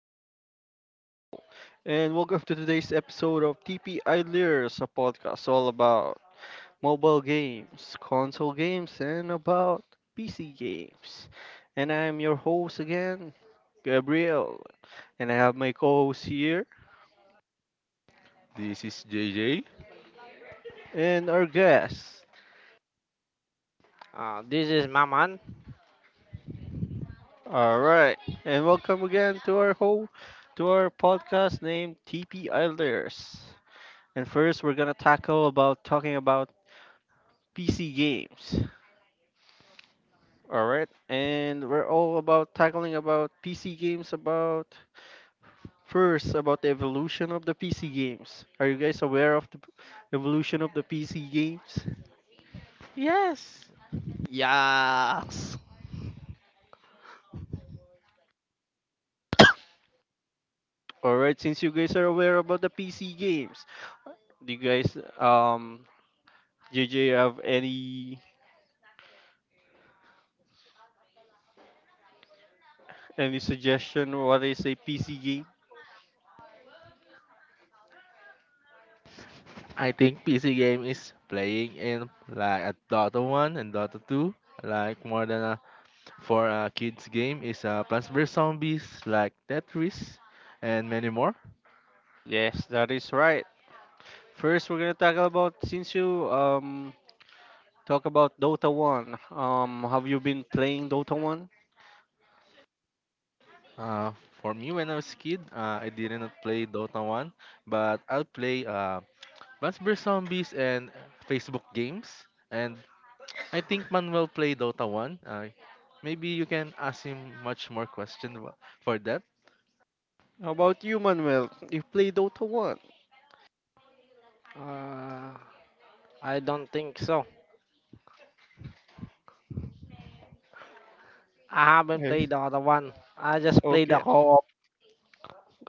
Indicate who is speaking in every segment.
Speaker 1: host, Gabriel, and welcome to today's episode of TP Idlers, a podcast all about mobile games, console games, and about PC games. And I am your host again, Gabriel, and I have my co host here
Speaker 2: This is JJ.
Speaker 1: and our guest.
Speaker 3: This is Maman.
Speaker 1: All right, and welcome again to our whole to our podcast named TP Idlers. And first, we're gonna tackle about talking about PC games. All right, and we're all about tackling about PC games about first about the evolution of the PC games. Are you guys aware of the evolution of the PC games?
Speaker 2: Yes,
Speaker 3: Yes.
Speaker 1: All right, since you guys are aware about the PC games, do you guys JJ have any suggestion what is a PC game?
Speaker 2: I think PC game is playing in like a Dota 1 and Dota 2, like more than a for a kids game is Plants vs Zombies, like Tetris, and many more.
Speaker 1: Yes, that is right. First, we're gonna talk about since you talk about Dota 1. Have you been playing Dota 1?
Speaker 2: Uh, for me when I was a kid, I did not play Dota 1, but I'll play Plants vs Zombies and Facebook games. And I think Manuel play Dota 1. Maybe you can ask him much more for that.
Speaker 1: How about you, Manuel? You play Dota 1?
Speaker 3: Uh, I don't think so. I haven't
Speaker 1: Okay.
Speaker 3: played the other one. I just played the
Speaker 1: Okay.
Speaker 3: co-op.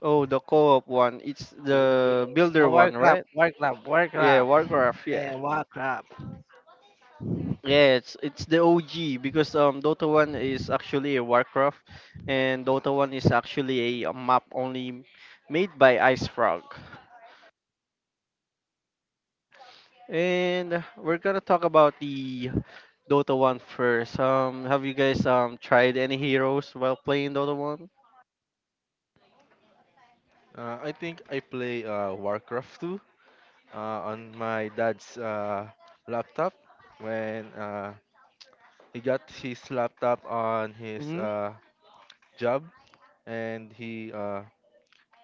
Speaker 1: Oh, the co-op one. It's the
Speaker 3: Yes, the
Speaker 1: builder one,
Speaker 3: Warcraft,
Speaker 1: right?
Speaker 3: Warcraft,
Speaker 1: Yeah,
Speaker 3: Warcraft.
Speaker 1: Warcraft. Yeah.
Speaker 3: Hey, Warcraft.
Speaker 1: Yeah, it's the OG because Dota 1 is actually a Warcraft, and Dota 1 is actually a map only made by Ice Frog. And we're gonna talk about the Dota 1 first. Have you guys tried any heroes while playing Dota
Speaker 2: I think I play Warcraft 2 on my dad's laptop when he got his laptop on his
Speaker 1: 1?
Speaker 2: job and he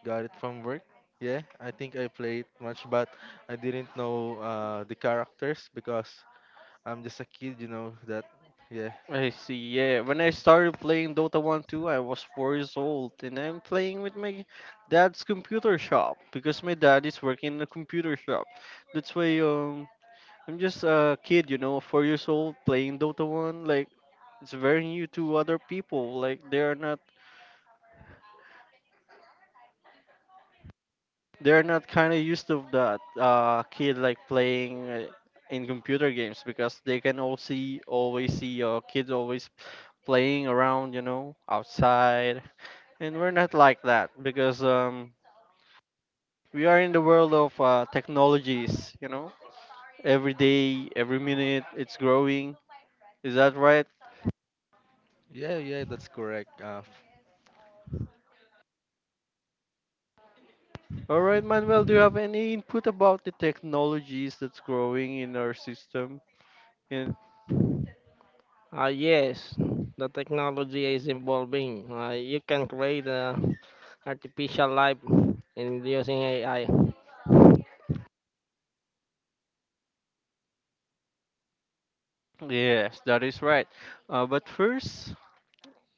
Speaker 2: got it from work. Yeah, I think I played much, but I didn't know the characters because I'm just a kid, you know that. Yeah,
Speaker 1: I see. Yeah, when I started playing Dota 1 2, I was 4 years old and I'm playing with my dad's computer shop because my dad is working in a computer shop. That's why I'm just a kid, 4 years old playing Dota 1 like it's very new to other people. Like they are not kind of used of that kid like playing in computer games because they can all see always see kids always playing around, outside. And we're not like that because we are in the world of technologies. Every day every minute it's growing. Is that right?
Speaker 2: yeah, yeah, that's correct. Uh,
Speaker 1: All right, Manuel, do you have any input about the technologies that's growing in our system in
Speaker 3: Yes, the technology is evolving. You can create artificial life in using AI.
Speaker 1: yes, that is right. But first,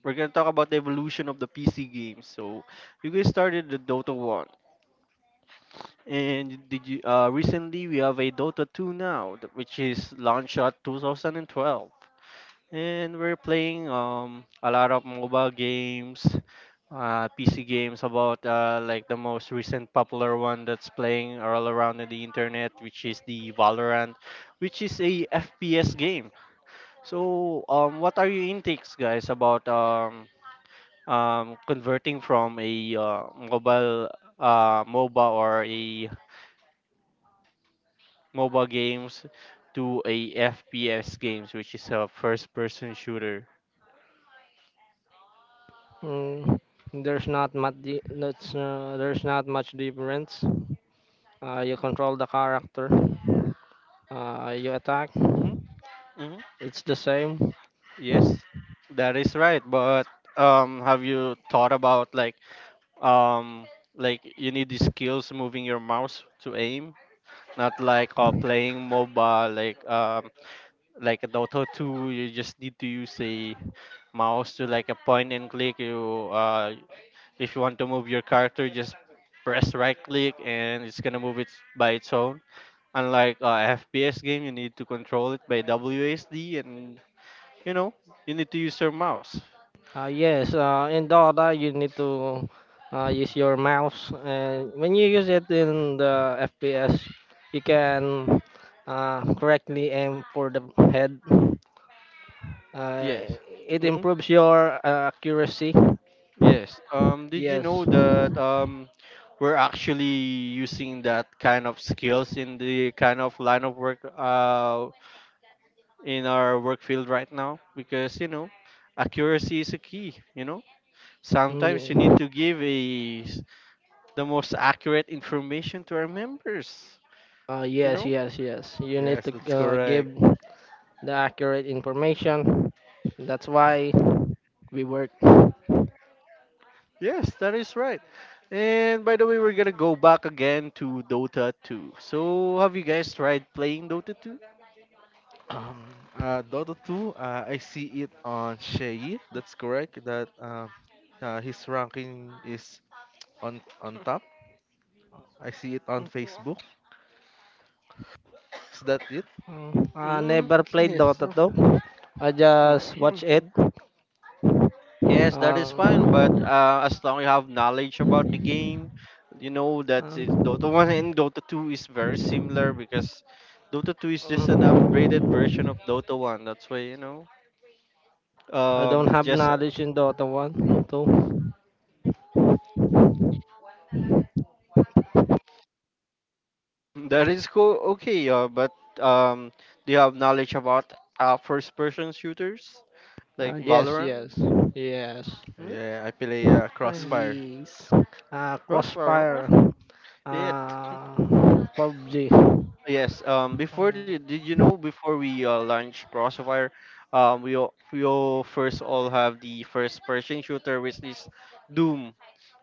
Speaker 1: we're gonna talk about the evolution of the PC games. So you guys started the Dota 1, and did you recently we have a Dota 2 now which is launched at 2012, and we're playing a lot of mobile games, PC games about like the most recent popular one that's playing all around in the internet, which is the Valorant, which is a FPS game. So what are your intakes, guys, about converting from a mobile MOBA or a mobile games to a FPS games, which is a first-person shooter?
Speaker 3: Mm, there's not much. There's not much difference. You control the character, you attack.
Speaker 1: Mm-hmm. Mm-hmm.
Speaker 3: It's the same.
Speaker 1: Yes, that is right. But have you thought about um, like you need the skills moving your mouse to aim, not like playing MOBA like a Dota 2? You just need to use a mouse to like a point and click. You if you want to move your character, just press right click and it's gonna move it by its own. Unlike FPS game, you need to control it by WASD and you know you need to use your mouse.
Speaker 3: Yes, in Dota you need to use your mouse, and when you use it in the FPS, you can correctly aim for the head. Uh,
Speaker 1: Yes.
Speaker 3: it
Speaker 1: Mm,
Speaker 3: improves your accuracy.
Speaker 1: yes. Did you know
Speaker 3: Yes.
Speaker 1: that we're actually using that kind of skills in the kind of line of work in our work field right now? Because, accuracy is a key, you know?
Speaker 3: Mm,
Speaker 1: Sometimes you need
Speaker 3: yeah.
Speaker 1: to give the most accurate information to our members, you
Speaker 3: Yes,
Speaker 1: know?
Speaker 3: yes, yes. You need
Speaker 2: yes,
Speaker 3: to
Speaker 2: that's
Speaker 3: give
Speaker 2: correct.
Speaker 3: the accurate information. That's why we work.
Speaker 1: Yes, that is right. And by the way, we're gonna go back again to Dota 2. So, have you guys tried playing Dota
Speaker 2: Um, Dota 2, I see it on Shay. That's correct. That his ranking is on top. I see it on Facebook.
Speaker 1: 2?
Speaker 2: Is that it?
Speaker 3: Mm, I
Speaker 1: Mm,
Speaker 3: never played
Speaker 1: yes.
Speaker 3: Dota though. I just watch it.
Speaker 1: Mhm. Yes, that is fine, but
Speaker 3: Uh,
Speaker 1: as long you have knowledge about the game, you know that it's Dota
Speaker 3: um,
Speaker 1: 1 and Dota 2 is very similar because Dota 2 is just an
Speaker 3: um,
Speaker 1: upgraded version of Dota 1. That's why, you know.
Speaker 3: I don't
Speaker 1: It's
Speaker 3: have
Speaker 1: just
Speaker 3: knowledge in Dota 1, 2.
Speaker 1: that is cool. Okay, but um, do you have knowledge about first-person shooters like
Speaker 3: Yes,
Speaker 1: Valorant?
Speaker 3: yes, yes.
Speaker 1: Yeah,
Speaker 2: Yeah, I play
Speaker 1: I,
Speaker 2: Crossfire.
Speaker 3: Yes.
Speaker 1: Roswell,
Speaker 3: Crossfire.
Speaker 1: yeah,
Speaker 3: Uh, PUBG.
Speaker 1: yes.
Speaker 3: Uh,
Speaker 1: Did you know, before we launch Crossfire, we all first all have the first person shooter, which is Doom,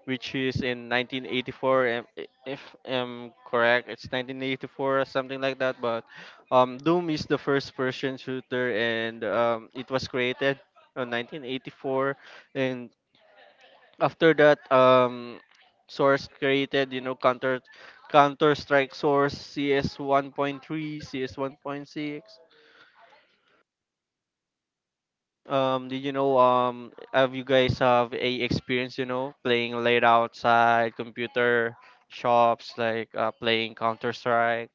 Speaker 1: which is in 1984. If I'm correct, it's 1984 or something like that. But Doom is the first person shooter, and it was created in 1984, and after that source created, counter strike source, CS 1.3, CS 1.6. Did you know, have you guys have a experience, playing late outside computer shops like playing counter strike?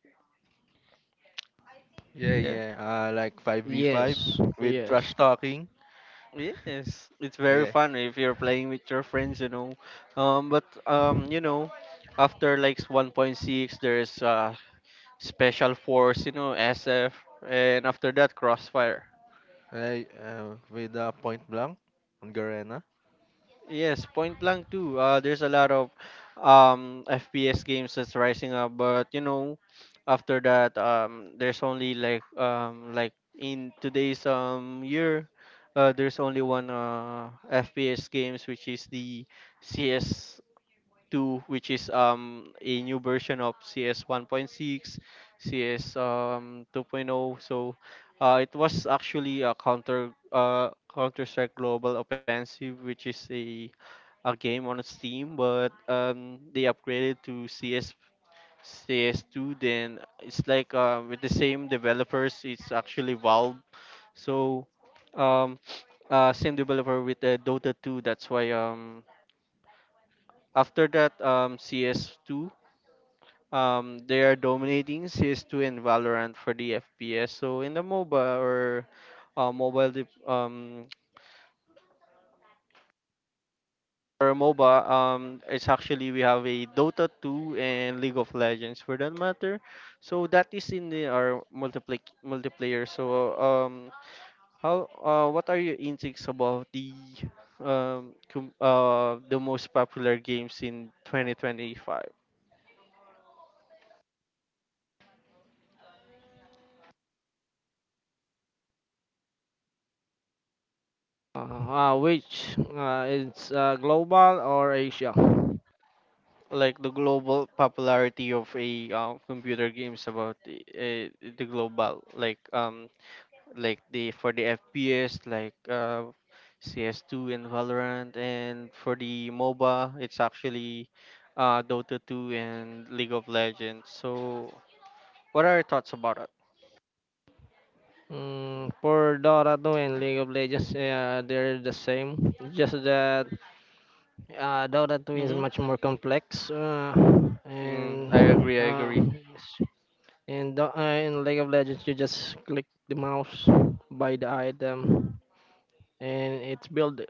Speaker 2: Yeah,
Speaker 1: Yeah,
Speaker 2: yeah. Like 5v5
Speaker 3: yes,
Speaker 2: with
Speaker 3: yes.
Speaker 2: trash talking.
Speaker 1: yes, it's very
Speaker 2: Yeah.
Speaker 1: fun if you're playing with your friends. But after like 1.6 there's Special Force, SF, and after that, Crossfire.
Speaker 2: I with point blank on Garena.
Speaker 1: Yes, Point Blank too. There's a lot of FPS games that's rising up, but after that, there's only like in today's year, there's only one FPS games which is the CS 2, which is a new version of CS 1.6, CS 2.0. So it was actually a counter counter strike global offensive, which is a game on Steam. But they upgraded to cs CS2. Then it's like with the same developers, it's actually Valve. So um same developer with the Dota 2. That's why after that CS2, they are dominating CS2 and Valorant for the FPS. So in the MOBA or mobile dip, or MOBA, it's actually we have a Dota 2 and League of Legends for that matter. So that is in the our multiplayer multiplayer. So how what are your intakes about the the most popular games in 2025?
Speaker 3: Which it's global or Asia?
Speaker 1: Like the global popularity of a computer games, about the global, like the FPS, like CS2 and Valorant, and for the MOBA it's actually Dota 2 and League of Legends. So what are your thoughts about it?
Speaker 3: Mm, for Dota 2 and League of Legends, they're the same. Just that Dota 2 is
Speaker 1: Mm-hmm.
Speaker 3: much more complex, uh,
Speaker 1: Mm,
Speaker 3: and
Speaker 1: I agree. I
Speaker 3: uh,
Speaker 1: agree.
Speaker 3: in League of Legends, you just click the mouse, buy the item, and it's built.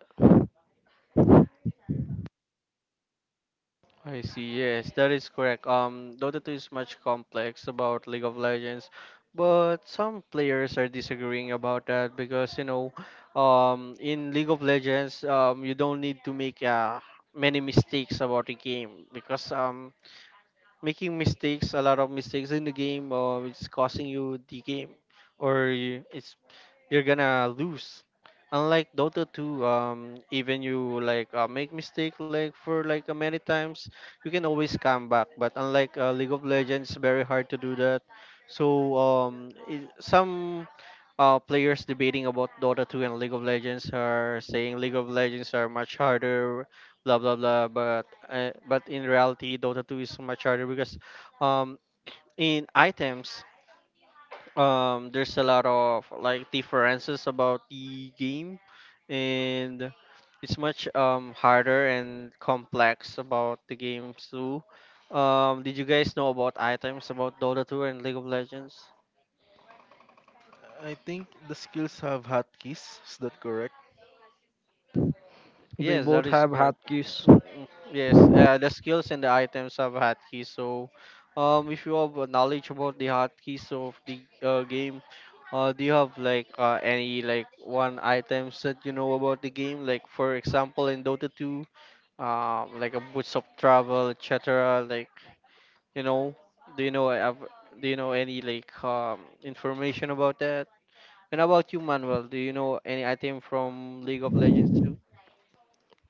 Speaker 1: I see. Yes, that is correct. Dota 2 is much complex about League of Legends, but some players are disagreeing about that because in League of Legends, you don't need to make many mistakes about the game because making mistakes, a lot of mistakes in the game, or it's costing you the game, or it's you're gonna lose. Unlike Dota 2, even you like make mistake like for like many times, you can always come back. But unlike League of Legends, it's very hard to do that. So some players debating about Dota 2 and League of Legends are saying League of Legends are much harder, blah blah blah. But in reality, Dota 2 is much harder because um, in items there's a lot of like differences about the game, and it's much harder and complex about the games too. Did you guys know about items about Dota 2 and League of Legends?
Speaker 2: I think the skills have hotkeys. Is that correct?
Speaker 3: They
Speaker 1: Yes, that
Speaker 3: both
Speaker 1: is
Speaker 3: have
Speaker 1: correct.
Speaker 3: hotkeys.
Speaker 1: Mm, mm, yes, the skills and the items have hotkeys. So, if you have knowledge about the hotkeys of the game, do you have like any like one items that you know about the game? Like for example, in Dota 2, like a boots of travel, et cetera. You know, do you know have do you know any like information about that? And about you, Manuel, do you know any item from League of Legends?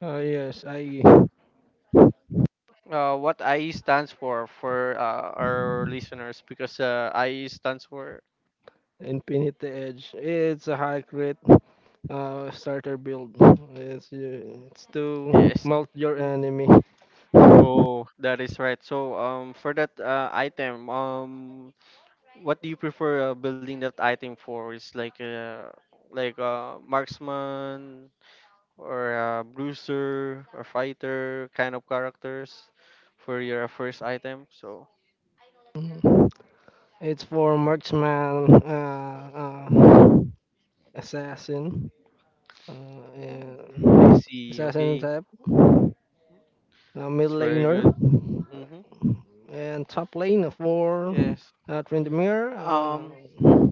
Speaker 3: Yes, I
Speaker 1: What IE stands for our listeners, because IE stands for...
Speaker 3: Infinity Edge. It's a high crit starter build. It's to
Speaker 1: Yes.
Speaker 3: melt your
Speaker 1: Mm.
Speaker 3: enemy.
Speaker 1: Oh, that is right. So for that item, what do you prefer building that item for? Is like marksman or bruiser or fighter kind of characters for your first item. So
Speaker 3: Mhm. It's for marksman, assassin,
Speaker 1: I
Speaker 3: and
Speaker 1: see.
Speaker 3: assassin
Speaker 1: Okay.
Speaker 3: type,
Speaker 1: Ooh,
Speaker 3: mid
Speaker 1: that's very
Speaker 3: laner,
Speaker 1: good. Mm-hmm.
Speaker 3: and top lane for
Speaker 1: Yes.
Speaker 3: Trindamere,
Speaker 1: Mhm.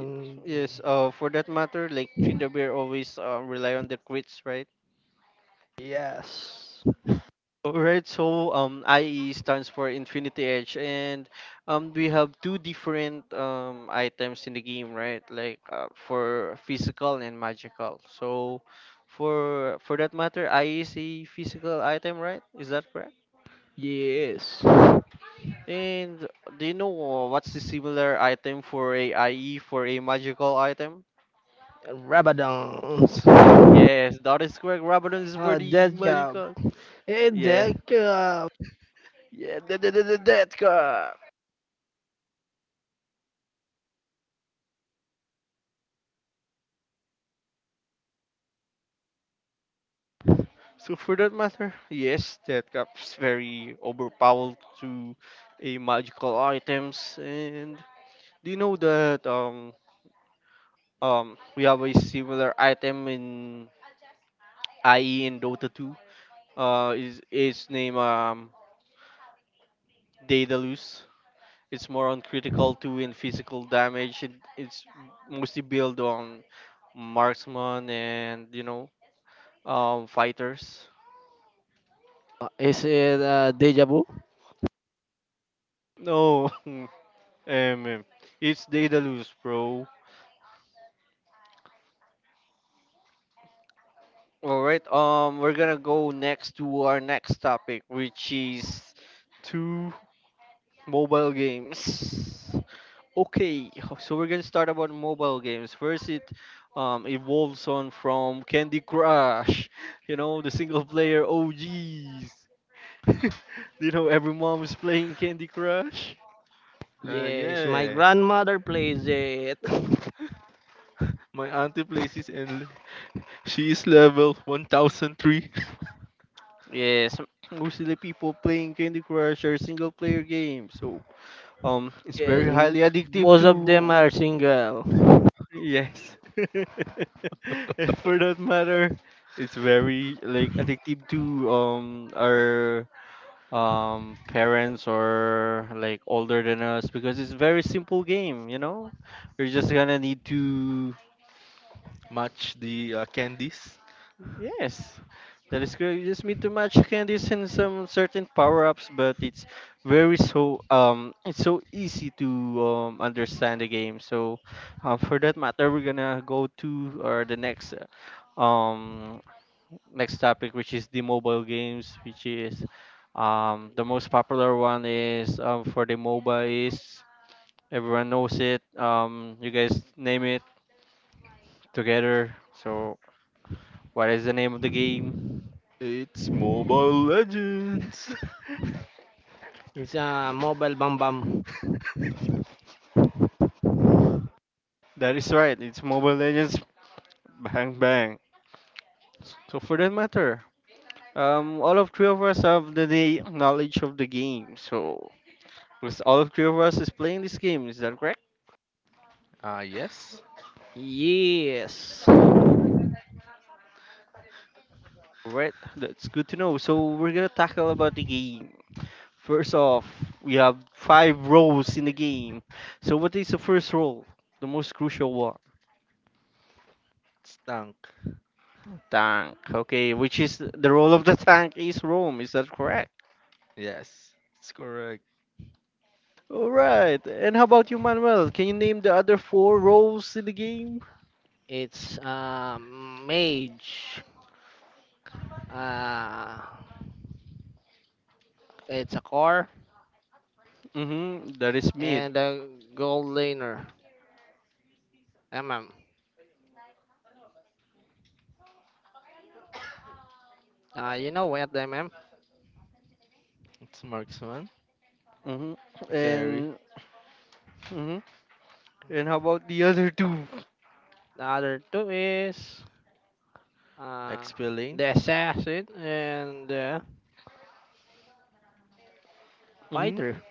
Speaker 1: Y- Yes, for that matter, like Trinda Bear always rely on the crits, right?
Speaker 3: yes,
Speaker 1: Alright, so IE stands for Infinity Edge, and we have two different items in the game, right? Like for physical and magical. So, for that matter, IE is a physical item, right? Is that correct?
Speaker 3: yes,
Speaker 1: And do you know what's the similar item for a IE for a magical item?
Speaker 3: Rabadons.
Speaker 1: Yes, that is correct. Rabadon is for the
Speaker 3: Dead
Speaker 1: magic
Speaker 3: job.
Speaker 1: card.
Speaker 3: Hey,
Speaker 1: Yeah,
Speaker 3: dead job.
Speaker 1: yeah, the death card. So for that matter, yes, death card is very overpowered to a magical items. And do you know that we have a similar item in IE in Dota 2? Is name Daedalus. It's more on critical two and physical damage. It's mostly built on marksman and fighters.
Speaker 3: Is it deja vu?
Speaker 1: No, mm. It's Daedalus, bro. All right. We're gonna go next to our next topic, which is two mobile games. Okay, so we're gonna start about mobile games. First, it evolves on from Candy Crush, you know, the single player OGs. You know, every mom is playing Candy Crush.
Speaker 2: Uh,
Speaker 3: Yes, my
Speaker 2: yeah.
Speaker 3: grandmother plays it.
Speaker 2: My auntie plays it and she is level 1003.
Speaker 1: Yes, most of the people playing Candy Crush are single player games, so it's
Speaker 3: Yes,
Speaker 1: very highly addictive
Speaker 3: most
Speaker 1: to.
Speaker 3: of them are single.
Speaker 1: Yes, and for that matter, it's very like addictive to our parents or like older than us because it's very simple game, you know, you're just gonna need to,
Speaker 2: Match the candies.
Speaker 1: yes that is correct, you just need to match candies and some certain power-ups, but it's very so it's so easy to understand the game. So for that matter, we're gonna go to or the next um next topic, which is the mobile games, which is the most popular one is for the MOBA is everyone knows it. You guys name it together. So what is the name of the game?
Speaker 2: It's Mobile Legends.
Speaker 3: It's a mobile bam bam.
Speaker 1: That is right. It's Mobile Legends Bang Bang. So for that matter, all of three of us have the knowledge of the game. So because all of three of us is playing this game. Is that correct?
Speaker 2: Ah, yes.
Speaker 3: Yes,
Speaker 1: Right. That's good to know. So we're gonna tackle about the game. First off, we have five roles in the game. So what is the first role? The most crucial one.
Speaker 2: It's tank.
Speaker 1: Tank. Okay, which is the role of the tank is Rome, is that correct?
Speaker 2: Yes, it's correct.
Speaker 1: Alright. And how about you, Manuel? Can you name the other four roles in the game?
Speaker 3: it's a mage. Uh, it's a core
Speaker 1: Mm-hmm. That is mid.
Speaker 3: and a gold laner. MM. You know what, MM?
Speaker 2: It's marksman,
Speaker 1: Mm-hmm.
Speaker 2: the carry,
Speaker 1: And mm-hmm. And how about the other two?
Speaker 3: The other two is uh,
Speaker 2: XP lane.
Speaker 3: the assassin and the
Speaker 1: Mm-hmm.
Speaker 3: fighter.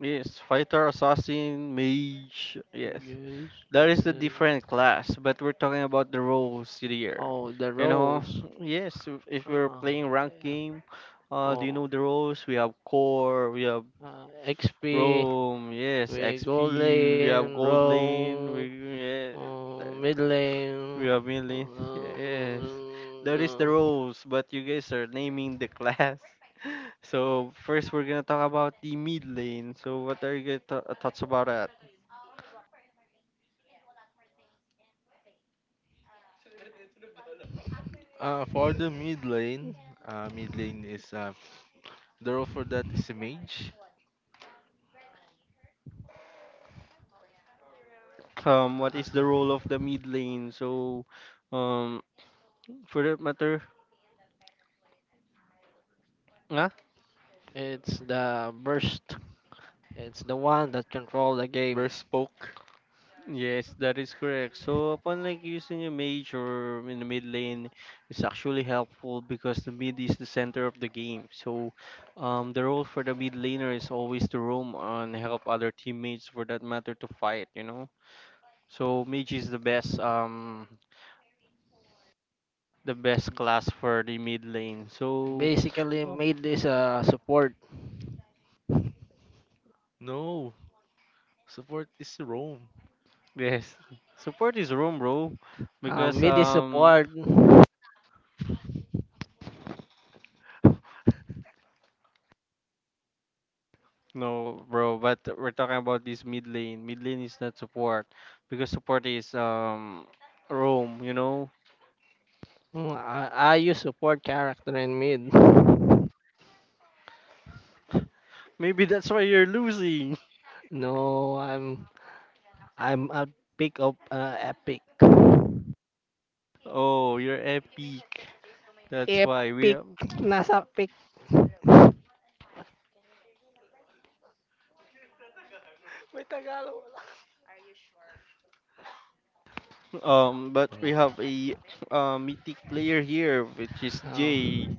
Speaker 1: Yes, fighter, assassin, mage. Yes.
Speaker 3: Yes.
Speaker 1: That is a
Speaker 3: uh,
Speaker 1: different class, but we're talking about the roles here.
Speaker 3: oh, the
Speaker 1: You know,
Speaker 3: roles.
Speaker 1: yes, if we're
Speaker 3: Uh,
Speaker 1: playing rank
Speaker 3: yeah.
Speaker 1: game, do you
Speaker 3: Oh,
Speaker 1: know the roles? We have core, we have
Speaker 3: XP,
Speaker 1: roam, yes,
Speaker 3: we
Speaker 1: XP,
Speaker 3: gold
Speaker 1: we have
Speaker 3: lane,
Speaker 1: gold lane, we
Speaker 3: roam,
Speaker 1: yeah, the-
Speaker 3: mid lane.
Speaker 1: we have mid lane,
Speaker 3: Uh,
Speaker 1: yes. That is the roles, but you guys are naming the class. So first, we're gonna talk about the mid lane. So what are your thoughts about that?
Speaker 2: For the mid lane, mid lane is the role for that is a mage.
Speaker 1: What
Speaker 3: uh,
Speaker 1: is the role of the mid lane? So um for that matter, ah
Speaker 3: it's the burst. It's the one that control the game.
Speaker 2: Burst poke.
Speaker 1: yes, that is correct. So upon like using a mage or in the mid lane, it's actually helpful because the mid is the center of the game. So the role for the mid laner is always to roam and help other teammates for that matter to fight, you know. So mage is the best class for the mid lane. So
Speaker 3: Basically,
Speaker 1: oh,
Speaker 3: mid is a support.
Speaker 2: No, support is roam.
Speaker 1: yes, support is roam, bro, because
Speaker 3: Mid is support.
Speaker 1: no, bro, but we're talking about this mid lane. Mid lane is not support because support is Rome, you know?
Speaker 3: Mm, I use support character in mid.
Speaker 1: Maybe that's why you're losing.
Speaker 3: No, I'm a pick of epic.
Speaker 1: Oh, you're epic. That's why we
Speaker 3: Epic.
Speaker 1: are-
Speaker 3: Nasa pic.
Speaker 1: but we
Speaker 2: Uh,
Speaker 1: have a mythic player here which is
Speaker 3: Oh,
Speaker 1: Jay.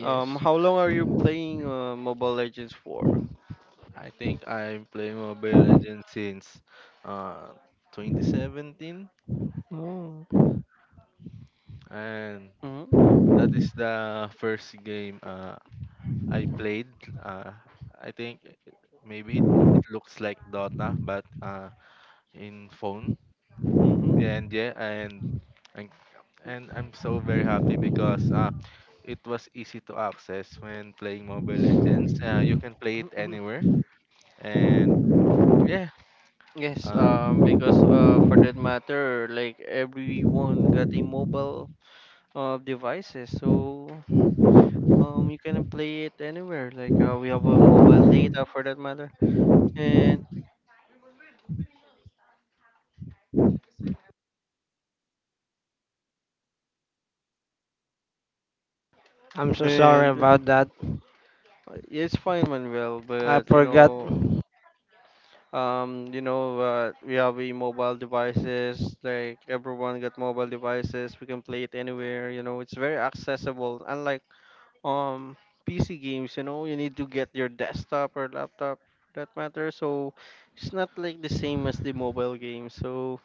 Speaker 1: Um, how long are you playing Mobile Legends for?
Speaker 2: I think I'm playing Mobile Legends since uh 2017,
Speaker 3: Oh,
Speaker 2: and
Speaker 1: Mhm.
Speaker 2: that is the first game I played. Uh, I think maybe it looks like Dota, but in phone.
Speaker 1: Mhm.
Speaker 2: And yeah, and and I'm so very happy because it was easy to access when playing Mobile Legends. You can play it anywhere, and yeah,
Speaker 1: Yes,
Speaker 2: uh,
Speaker 1: because for that matter like everyone got a mobile of devices. So you can play it anywhere. Like we have a mobile data for that matter, and
Speaker 3: I'm so sorry
Speaker 1: and
Speaker 3: about that.
Speaker 1: it's fine, Manuel.
Speaker 3: I
Speaker 1: But
Speaker 3: forgot.
Speaker 1: you know, we have a mobile devices. Like everyone got mobile devices. We can play it anywhere. You know, it's very accessible. Unlike um PC games, you know, you need to get your desktop or laptop. For that matter, so it's not like the same as the mobile game. So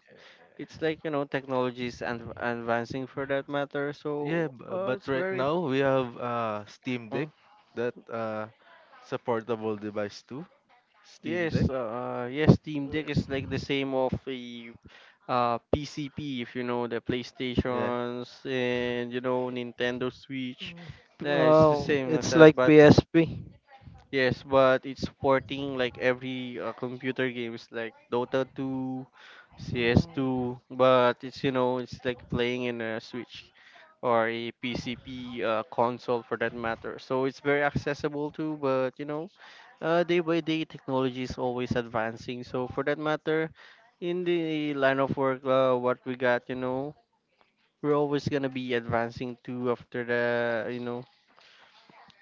Speaker 1: it's like, you know, technology is and advancing for that matter. So
Speaker 2: yeah. bu- But
Speaker 1: it's
Speaker 2: right
Speaker 1: very
Speaker 2: now we have Steam
Speaker 1: Mm.
Speaker 2: Deck that supportable device too. Steam
Speaker 1: yes,
Speaker 2: Deck,
Speaker 1: yes, steam deck is like the same of a PCP, if you know the
Speaker 2: yeah.
Speaker 1: PlayStations and you know Nintendo Switch, yeah, it's the
Speaker 3: Oh,
Speaker 1: same as
Speaker 3: it's
Speaker 1: that.
Speaker 3: like
Speaker 1: But
Speaker 3: PSP.
Speaker 1: yes, but it's supporting like every computer games like Dota 2,
Speaker 3: Oh.
Speaker 1: CS2, but it's, you know, it's like playing in a Switch or a PCP console for that matter. So it's very accessible too, but you know, day by day technology is always advancing. So for that matter, in the line of work, what we got, you know, we're always gonna be advancing too after the, you know,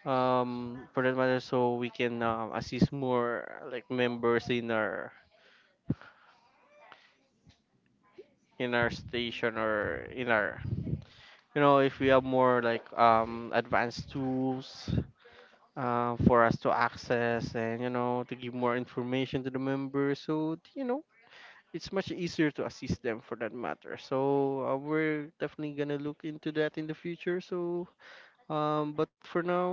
Speaker 1: for that matter. So we can assist more like members in our station, or in our, you know, if we have more like advanced tools for us to access and you know to give more information to the members, so you know it's much easier to assist them for that matter. So we're definitely gonna look into that in the future. So but for now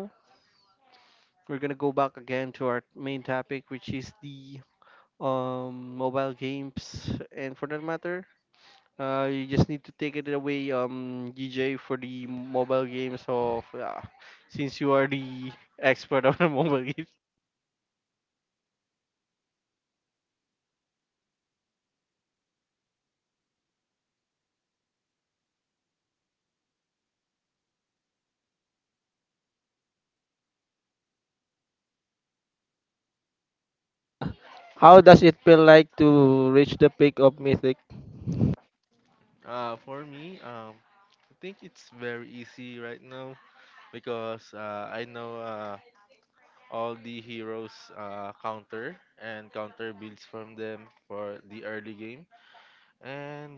Speaker 1: we're gonna go back again to our main topic, which is the mobile games. And for that matter, uh, you just need to take it away, DJ, for the mobile games of, since you are the expert of the mobile games.
Speaker 3: How does it feel like to reach the peak of mythic?
Speaker 2: For me, I think it's very easy right now because I know all the heroes counter and counter builds from them for the early game. And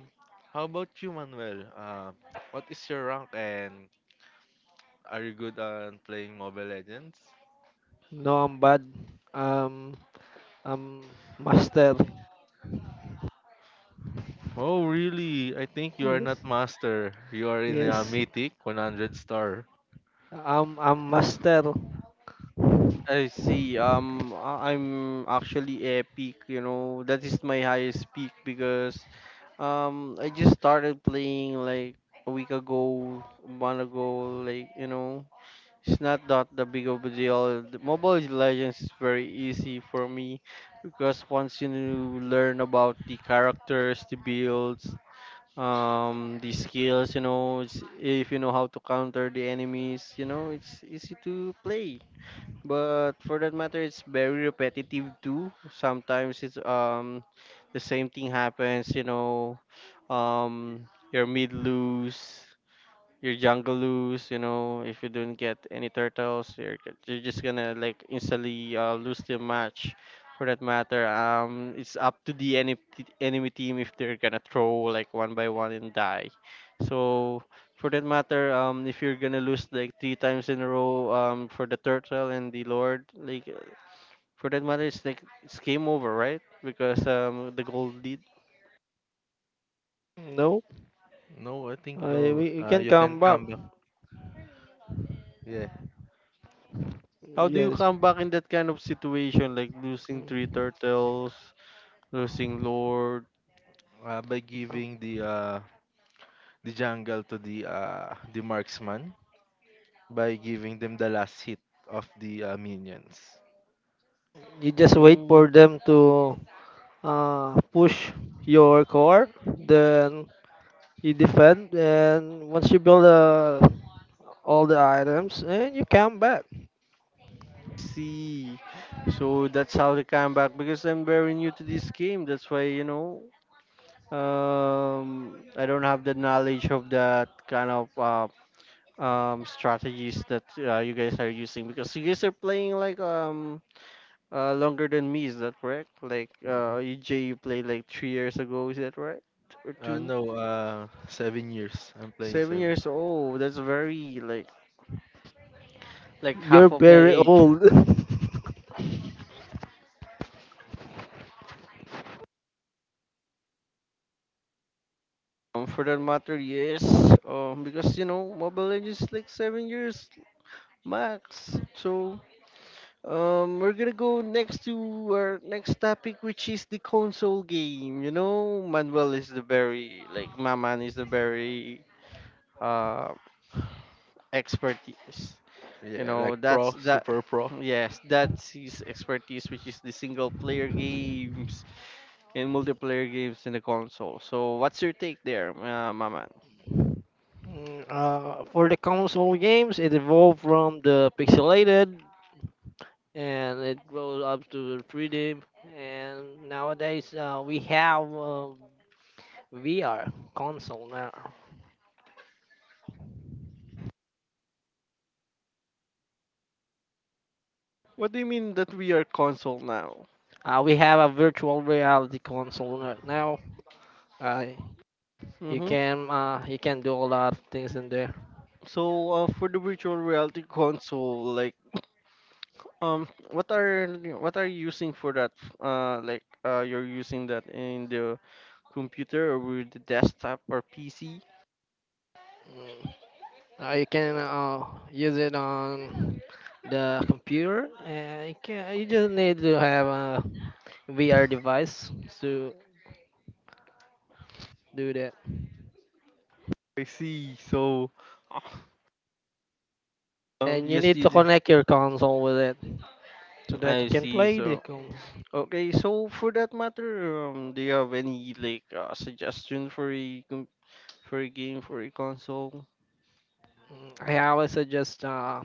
Speaker 2: how about you, Manuel? What is your rank and are you good on playing Mobile Legends?
Speaker 3: No, I'm bad. Um, I'm master.
Speaker 2: Oh, really? I think you are
Speaker 3: Yes.
Speaker 2: not master. You are in a
Speaker 3: Yes.
Speaker 2: mythic 100 star.
Speaker 3: I'm master.
Speaker 1: I see. Um, I'm actually a peak, you know, that is my highest peak because I just started playing like a month ago, like, you know, it's not that the big of a deal. The Mobile Legends is very easy for me because once you learn about the characters, the builds, the skills, you know, it's, if you know how to counter the enemies, you know, it's easy to play. But for that matter, it's very repetitive too. Sometimes it's the same thing happens, you know, your mid lose your jungle lose, you know, if you don't get any turtles, you're, you're just gonna like instantly lose the match. For that matter, it's up to the enemy team if they're gonna throw like one by one and die. So for that matter, if you're gonna lose like three times in a row, for the turtle and the lord, like for that matter, it's like it's game over, right? Because the gold lead.
Speaker 3: No,
Speaker 2: No, I think
Speaker 3: I
Speaker 2: no.
Speaker 3: we
Speaker 2: Uh,
Speaker 3: can
Speaker 2: you can
Speaker 3: come back.
Speaker 2: come back. Yeah.
Speaker 1: How do you
Speaker 3: Yes.
Speaker 1: come back in that kind of situation, like losing three turtles? Losing Lord.
Speaker 2: By giving the jungle to the marksman by giving them the last hit of the minions.
Speaker 3: You just wait
Speaker 1: Mm,
Speaker 3: for them to push your core, then you defend, and once you build all the items, and you come back.
Speaker 1: see. So that's how the comeback, because I'm very new to this game. That's why, you know, I don't have the knowledge of that kind of strategies that you guys are using, because you guys are playing like longer than me, is that correct? Like
Speaker 2: Mhm.
Speaker 1: uh, EJ, you played like 3 years ago, is that right? Or
Speaker 2: Uh,
Speaker 1: 2?
Speaker 2: no, uh, 7 years. I'm playing
Speaker 1: 7
Speaker 2: seven.
Speaker 1: years old. That's very like
Speaker 3: You're
Speaker 1: half of my
Speaker 3: very
Speaker 1: age.
Speaker 3: old.
Speaker 1: For that matter, yes. Because you know, Mobile Legends is like 7 years max. So, we're gonna go next to our next topic, which is the console game. You know, Manuel is the very like Maman is the very uh expertise. You
Speaker 2: Yeah, like
Speaker 1: know,
Speaker 2: pro,
Speaker 1: that's that.
Speaker 2: super pro.
Speaker 1: Yes, that's his expertise, which is the single player games and multiplayer games in the console. So, what's your take there, Maman?
Speaker 3: Mm, for the console games, it evolved from the pixelated, and it goes up to the 3D, and nowadays we have VR console now.
Speaker 1: What do you mean that we are console now?
Speaker 3: We have a virtual reality console now. Uh,
Speaker 1: Mm-hmm.
Speaker 3: you can do a lot of things in there.
Speaker 1: So for the virtual reality console, like what are you using for that? Like you're using that in the computer or with the desktop or PC?
Speaker 3: You can use it on the computer, and you can you just need to have a VR device to do that.
Speaker 1: I see. So
Speaker 3: And
Speaker 1: you
Speaker 3: you
Speaker 1: just
Speaker 3: need to
Speaker 1: need.
Speaker 3: connect your console with it so that you
Speaker 1: I
Speaker 3: can
Speaker 1: see.
Speaker 3: play the
Speaker 1: So
Speaker 3: console.
Speaker 1: okay. So for that matter, do you have any like suggestion for a for a game for a console?
Speaker 3: I always suggest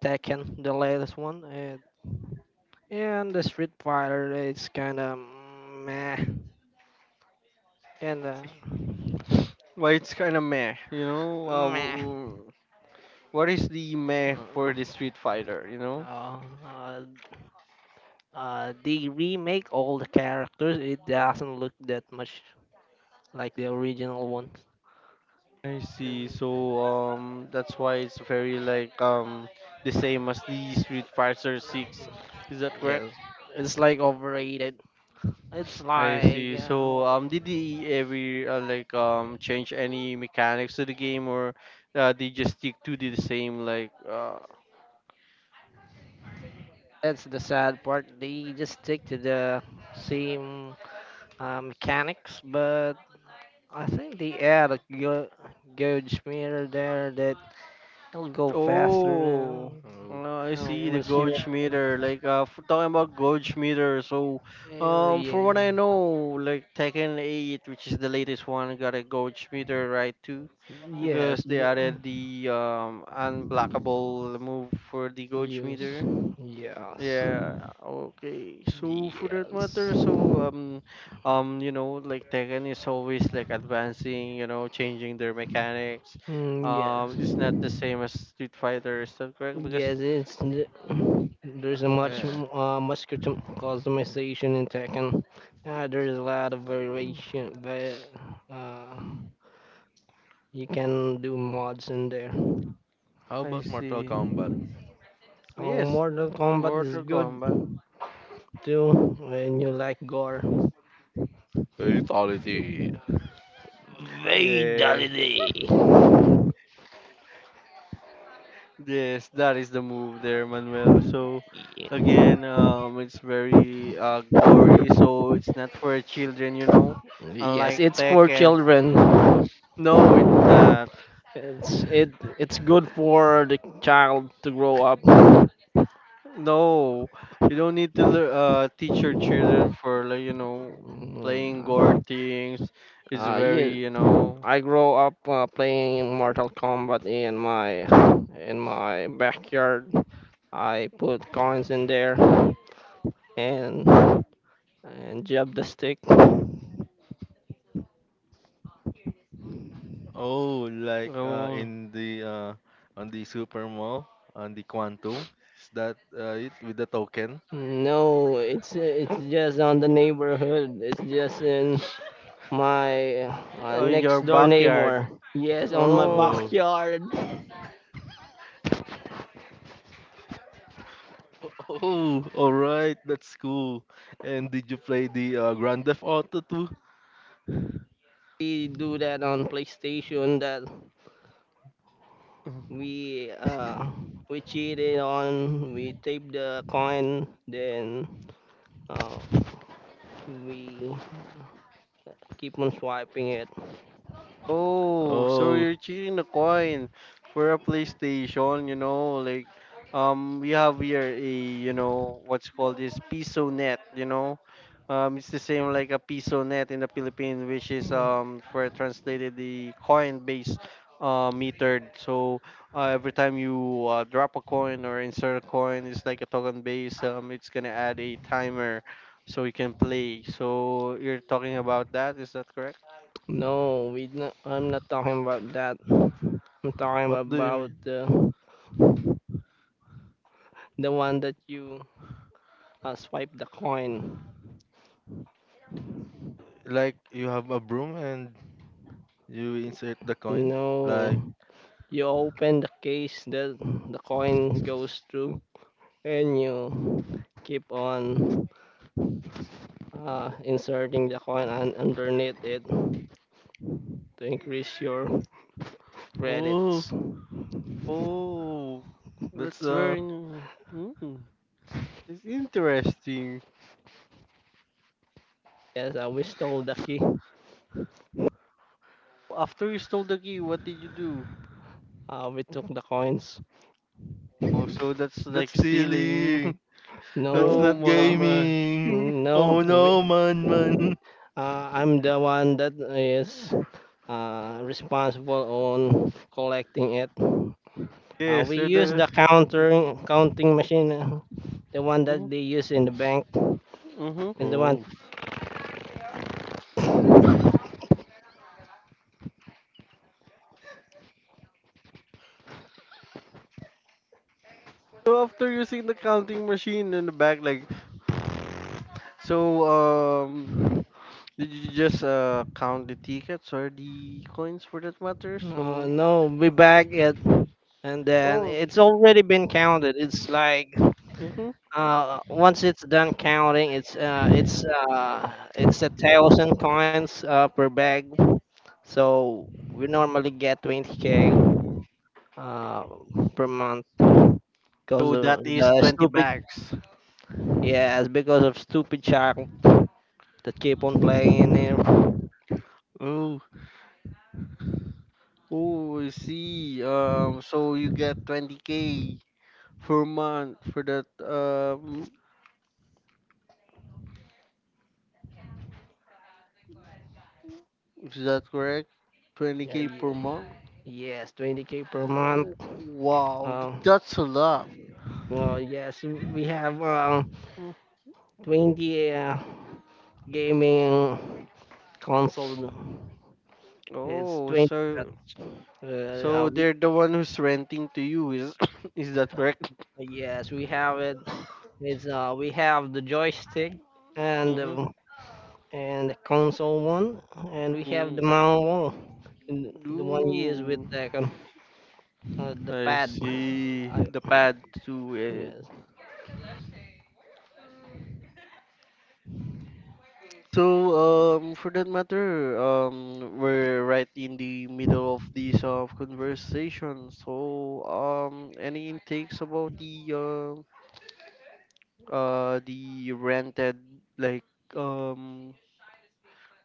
Speaker 3: Tekken, the latest one, and the Street Fighter. It's kind of meh, and
Speaker 1: Why it's kind of meh, you know?
Speaker 3: meh.
Speaker 1: What is the meh
Speaker 3: Uh,
Speaker 1: for the Street Fighter, you know?
Speaker 3: uh, uh, they remake all the characters. It doesn't look that much like the original ones.
Speaker 1: I see.
Speaker 3: And
Speaker 1: So that's why it's very like the same as the Street Fighter 6.
Speaker 3: um,
Speaker 1: Is that
Speaker 3: yes,
Speaker 1: correct?
Speaker 3: it's like overrated. It's
Speaker 1: I
Speaker 3: like
Speaker 1: see. So did they ever like change any mechanics to the game or they just stick to the same like
Speaker 3: that's the sad part. They just stick to the same mechanics, but I think they add a gauge meter there that it'll go faster
Speaker 1: oh,
Speaker 3: than
Speaker 2: Oh,
Speaker 1: I see, the
Speaker 3: once you.
Speaker 1: gauge meter. Like talking about gauge meter. So,
Speaker 3: Oh
Speaker 1: for what I
Speaker 3: yeah.
Speaker 1: know, like Tekken 8, which is the latest one, got a gauge meter, right? Too, because
Speaker 3: Yes.
Speaker 1: they added the unblockable move for the gauge
Speaker 3: Yes.
Speaker 1: meter.
Speaker 3: Yes.
Speaker 1: Yeah, okay. So for that
Speaker 3: Yes.
Speaker 1: matter, so you know like Tekken is always like advancing, you know, changing their mechanics.
Speaker 3: Mm,
Speaker 1: Um,
Speaker 3: yes.
Speaker 1: it's not the same as Street Fighter, is that correct? Because
Speaker 3: Yes. There's a much
Speaker 2: yeah.
Speaker 3: customization in Tekken. There's a lot of
Speaker 1: mm,
Speaker 3: variation, but uh, you can do mods in there.
Speaker 2: How
Speaker 1: I
Speaker 2: about Mortal
Speaker 1: see.
Speaker 2: Kombat?
Speaker 3: Oh,
Speaker 1: Yes,
Speaker 3: Mortal Kombat is
Speaker 1: Mortal
Speaker 3: good
Speaker 1: Kombat.
Speaker 3: too when you like gore.
Speaker 2: Fatality.
Speaker 1: Yeah.
Speaker 3: Fatality.
Speaker 1: Yes, that is the move there, Manuel. So again, it's very gory, so it's not for children, you know.
Speaker 3: Yes,
Speaker 1: Unlike
Speaker 3: it's for
Speaker 1: Tekken.
Speaker 3: children.
Speaker 1: No, it's not.
Speaker 3: It's it it's good for the child to grow up. Yeah.
Speaker 1: No, you don't need to teach your children for like you know playing gore
Speaker 3: Mm,
Speaker 1: things. It's very.
Speaker 3: Yeah, I grow up playing Mortal Kombat in my backyard. I put coins in there and jab the stick.
Speaker 2: Oh, like
Speaker 1: Oh,
Speaker 2: in the on the Super Mall, on the Quantum, is that it with the token?
Speaker 3: No, it's just on the neighborhood. It's just in my
Speaker 1: in your
Speaker 3: next door
Speaker 1: backyard.
Speaker 3: neighbor. Yes, on my
Speaker 1: Oh.
Speaker 2: Oh.
Speaker 3: backyard.
Speaker 2: Oh, all right, that's cool. And did you play the Grand Theft Auto too?
Speaker 3: We do that on PlayStation that we uh we cheated on, we tape the coin, then uh we keep on swiping it.
Speaker 1: Oh, so
Speaker 2: Oh,
Speaker 1: you're cheating the coin for a PlayStation, like we have here a what's called this peso net. It's the same like a peso net in the Philippines, which is for translated the coin base metered. So every time you drop a coin or insert a coin, it's like a token base. It's going to add a timer so you can play. So you're talking about that, is that correct?
Speaker 3: No, we not, I'm not talking about that. I'm talking
Speaker 2: what do you
Speaker 3: about
Speaker 2: mean?
Speaker 3: the one that you swipe the coin.
Speaker 2: Like you have a broom and you insert the coin?
Speaker 3: No,
Speaker 2: Like,
Speaker 3: you open the case that the coin goes through and you keep on inserting the coin and underneath it to increase your
Speaker 2: oh,
Speaker 3: credits.
Speaker 1: Oh,
Speaker 2: that's
Speaker 1: that's
Speaker 2: uh,
Speaker 1: very. It's interesting.
Speaker 3: Yes, we stole the key.
Speaker 1: After you stole the key, what did you do?
Speaker 3: We took the coins.
Speaker 1: Oh, so that's
Speaker 2: that's
Speaker 1: like stealing.
Speaker 2: stealing. That's
Speaker 3: No,
Speaker 1: Oh
Speaker 2: not
Speaker 1: my
Speaker 2: gaming.
Speaker 1: my.
Speaker 3: no,
Speaker 2: Oh no, man, man.
Speaker 3: uh, I'm the one that is responsible on collecting it.
Speaker 1: Yes,
Speaker 3: We
Speaker 1: so that
Speaker 3: use
Speaker 1: is.
Speaker 3: the counter
Speaker 1: Mm-hmm,
Speaker 3: counting machine, the one
Speaker 1: mm-hmm.
Speaker 3: that they use in the bank,
Speaker 1: Mm-hmm.
Speaker 3: is the one.
Speaker 2: Oh,
Speaker 1: So after using the counting machine in the back, like. So did you just count the tickets or the coins for that matter? So
Speaker 3: No, we back it, and then
Speaker 1: oh,
Speaker 3: it's already been counted. It's like
Speaker 1: mm-hmm.
Speaker 3: once it's done counting, it's a thousand coins per bag. So we normally get 20 k uh, per month because
Speaker 1: So that
Speaker 3: of
Speaker 1: is
Speaker 3: the
Speaker 1: 20
Speaker 3: stupid.
Speaker 1: bags.
Speaker 3: Yes, because of stupid child that keep on playing in there.
Speaker 2: oh,
Speaker 1: Oh, I see. So you get 20K per month for that. Is that correct?
Speaker 3: Yeah,
Speaker 1: 20K per month?
Speaker 3: yes, 20 k per month.
Speaker 1: Wow,
Speaker 3: Uh,
Speaker 1: that's a lot.
Speaker 3: Well, yes, we have
Speaker 1: Mm.
Speaker 3: 20 gaming console. It's
Speaker 1: Oh,
Speaker 3: 20
Speaker 1: so
Speaker 3: sets. Uh, uh,
Speaker 1: so
Speaker 3: we,
Speaker 1: they're the one who's renting to you. Is is that correct?
Speaker 3: yes, we have it. It's we have the joystick and
Speaker 1: Mm-hmm.
Speaker 3: the console one, and we have the
Speaker 1: Mm.
Speaker 3: mount one. And the one used with
Speaker 1: Ooh,
Speaker 3: the the
Speaker 1: I
Speaker 3: pad.
Speaker 1: see.
Speaker 3: I,
Speaker 1: The pad to it.
Speaker 3: yes.
Speaker 1: So, for that matter, we're right in the middle of this conversation. So, any intakes about the rented like um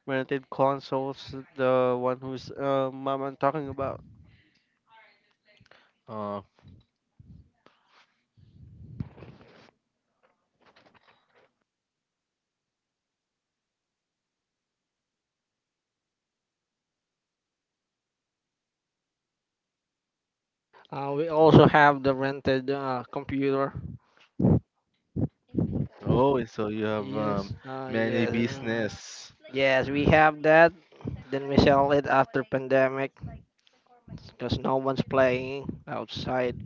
Speaker 1: rented consoles? The one who's mom I'm talking about.
Speaker 2: uh,
Speaker 3: We also have the rented computer.
Speaker 2: oh. So you have
Speaker 3: Yes.
Speaker 2: many
Speaker 3: Yes. Like,
Speaker 2: business.
Speaker 3: yes, we have that. Then we sell it after pandemic because no one's playing outside.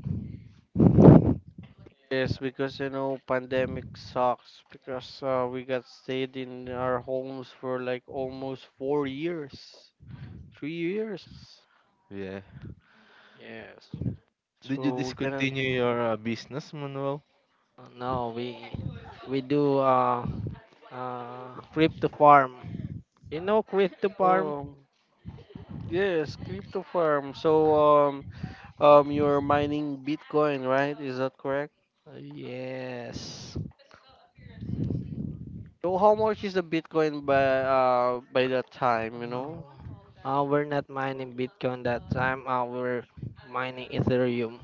Speaker 1: Yes, because pandemic sucks because we got stayed in our homes for like almost 4 years, 3 years.
Speaker 2: Yeah.
Speaker 3: Yes.
Speaker 2: Did you
Speaker 1: So we
Speaker 2: discontinue
Speaker 1: cannot.
Speaker 2: your business, Manuel?
Speaker 3: No, we do crypto farm. You know crypto farm?
Speaker 1: Um, yes, crypto farm. So, you're mining Bitcoin, right? Is that correct?
Speaker 3: Yes.
Speaker 1: So, how much is the Bitcoin by that time, you know?
Speaker 3: Uh, we're not mining Bitcoin that time. We're mining Ethereum.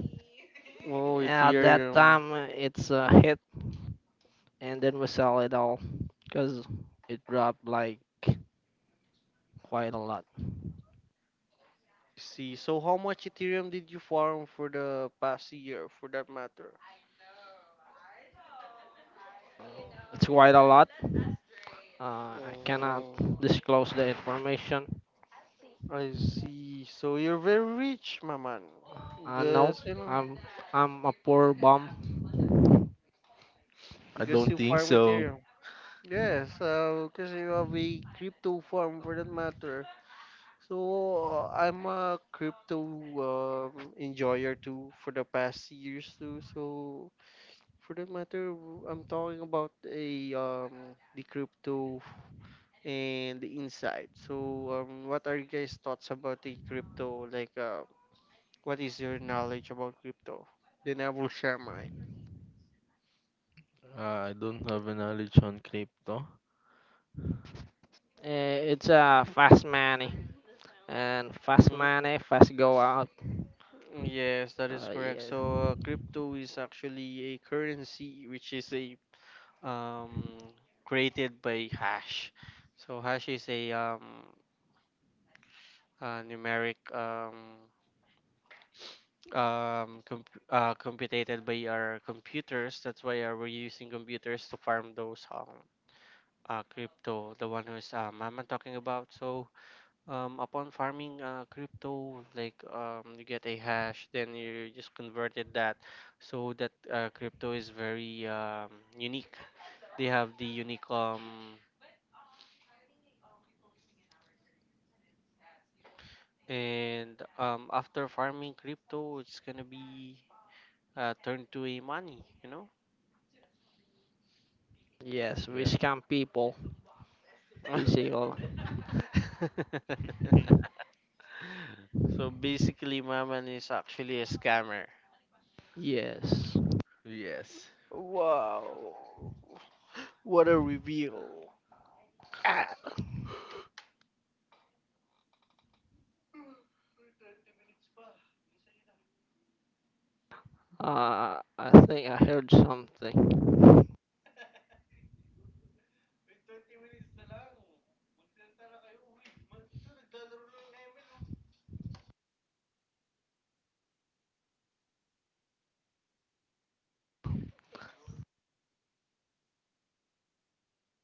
Speaker 1: Oh,
Speaker 3: At that
Speaker 1: Ethereum.
Speaker 3: time, it's a hit, and then we sell it all because it dropped like quite a lot.
Speaker 1: See, so how much Ethereum did you farm for the past year, for that matter?
Speaker 3: It's quite a lot. I cannot
Speaker 1: Oh,
Speaker 3: disclose the information.
Speaker 1: I see. So you're very rich, my man,
Speaker 3: No,
Speaker 1: because
Speaker 3: I'm I'm a poor bum.
Speaker 2: I
Speaker 1: because
Speaker 2: don't
Speaker 1: you
Speaker 2: think
Speaker 1: farm
Speaker 2: so.
Speaker 1: Ethereum. Yes, because you have a crypto farm for that matter. So I'm a crypto enjoyer too for the past years too. So for that matter, I'm talking about a the crypto and the insight. So what are you guys' thoughts about the crypto? Like, what is your knowledge about crypto? Then I will share mine.
Speaker 2: I don't have a knowledge on crypto.
Speaker 3: Eh, it's a fast money, and fast
Speaker 1: Mhm.
Speaker 3: money, fast go out.
Speaker 1: Yes, that is correct.
Speaker 3: Yeah.
Speaker 1: So crypto is actually a currency, which is a um, created by hash. So hash is a numeric computed by our computers. That's why we're using computers to farm those crypto, the one who's I'm talking about. So upon farming crypto, like you get a hash, then you just converted that. So that crypto is very unique. They have the unique. And after farming crypto, it's gonna be turned to a money, you know?
Speaker 3: Yes, we
Speaker 2: Yeah.
Speaker 3: scam people, basically.
Speaker 1: So basically, Maman is actually a scammer.
Speaker 3: Yes.
Speaker 2: Yes.
Speaker 1: Wow. What a reveal.
Speaker 3: Ah, I think I heard something. Mm,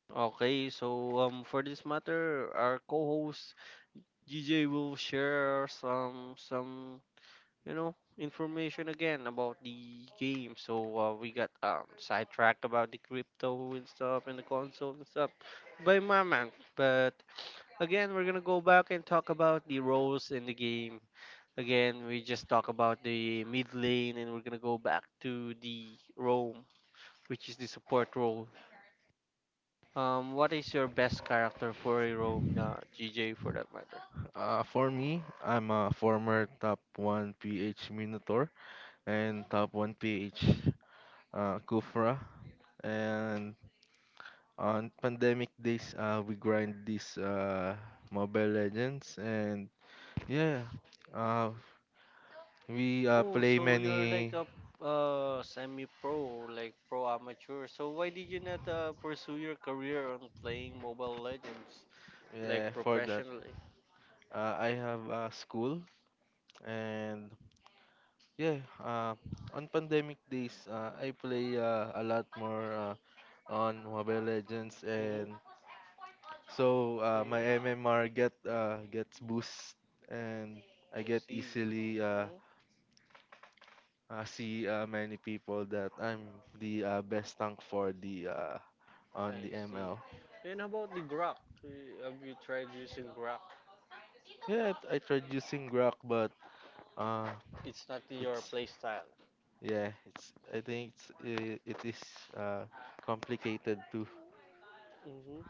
Speaker 1: Okay, so for this matter, our co-host GJ will share some information again about the game. So we got sidetracked about the crypto and stuff and the console and stuff by my man. But again, we're gonna go back and talk about the roles in the game. Again, we just talk about the mid lane, and we're gonna go back to the roam, which is the support role. What is your best character for a roam, GJ, for that matter?
Speaker 2: For me, I'm a former top 1 PH Minotaur and top 1 PH Kufra. And on pandemic days, we grind these Mobile Legends. And yeah, uh, we
Speaker 1: Oh,
Speaker 2: play
Speaker 1: so you're like
Speaker 2: many
Speaker 1: a semi-pro, like pro amateur. So why did you not pursue your career on playing Mobile Legends, like
Speaker 2: yeah, for that.
Speaker 1: professionally?
Speaker 2: I have a school and yeah, on pandemic days, I play a lot more on Mobile Legends, and
Speaker 1: Mm-hmm.
Speaker 2: so my
Speaker 1: hmm
Speaker 2: MMR gets boost, and I
Speaker 1: I
Speaker 2: get
Speaker 1: see.
Speaker 2: easily
Speaker 1: mm
Speaker 2: see many people that I'm the best tank for the on
Speaker 1: I
Speaker 2: the
Speaker 1: see.
Speaker 2: ML.
Speaker 1: And how about the Grok? Have you tried using Grok?
Speaker 2: Yeah, I tried using Grok, but uh,
Speaker 1: It's not your
Speaker 2: it's
Speaker 1: playstyle.
Speaker 2: yeah, it's I think it is uh, complicated too.
Speaker 1: Mm-hmm.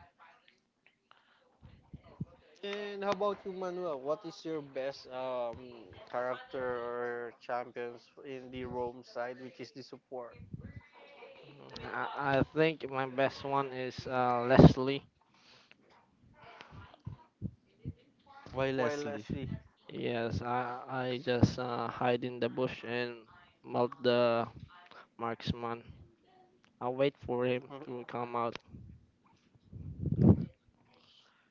Speaker 1: And how about you, Manuel? What is your best character or champions in the Rome side, which is the support?
Speaker 3: I think my best one is Leslie.
Speaker 2: Why
Speaker 1: While I
Speaker 2: Leslie?
Speaker 1: see.
Speaker 3: Yes, I just hide in the bush and melt the marksman. I'll wait for him to come out.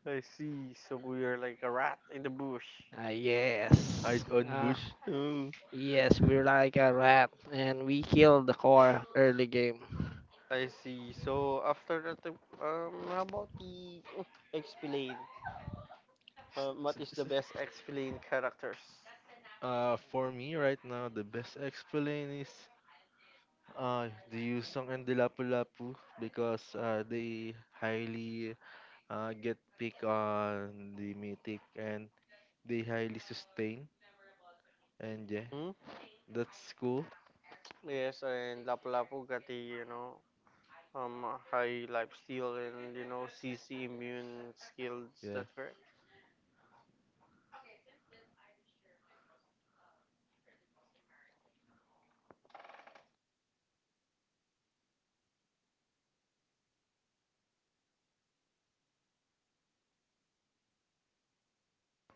Speaker 1: I see. So we are like a rat in the bush.
Speaker 3: Ah, yes.
Speaker 2: Hide on
Speaker 3: Ah,
Speaker 2: bush. Oh.
Speaker 3: yes, we're like a rat, and we kill the core early game.
Speaker 1: I see. So after that, how about the explain?
Speaker 2: S-
Speaker 1: What is the
Speaker 2: s- s-
Speaker 1: best explain characters?
Speaker 2: for me right now, the best explain is the Yusong and the Lapu-Lapu because they highly get pick on the mythic and they highly sustain. And yeah,
Speaker 1: Hmm?
Speaker 2: that's cool.
Speaker 1: Yes, and Lapu-Lapu got the um high life steal and CC immune skills.
Speaker 2: Yeah.
Speaker 1: That's that correct?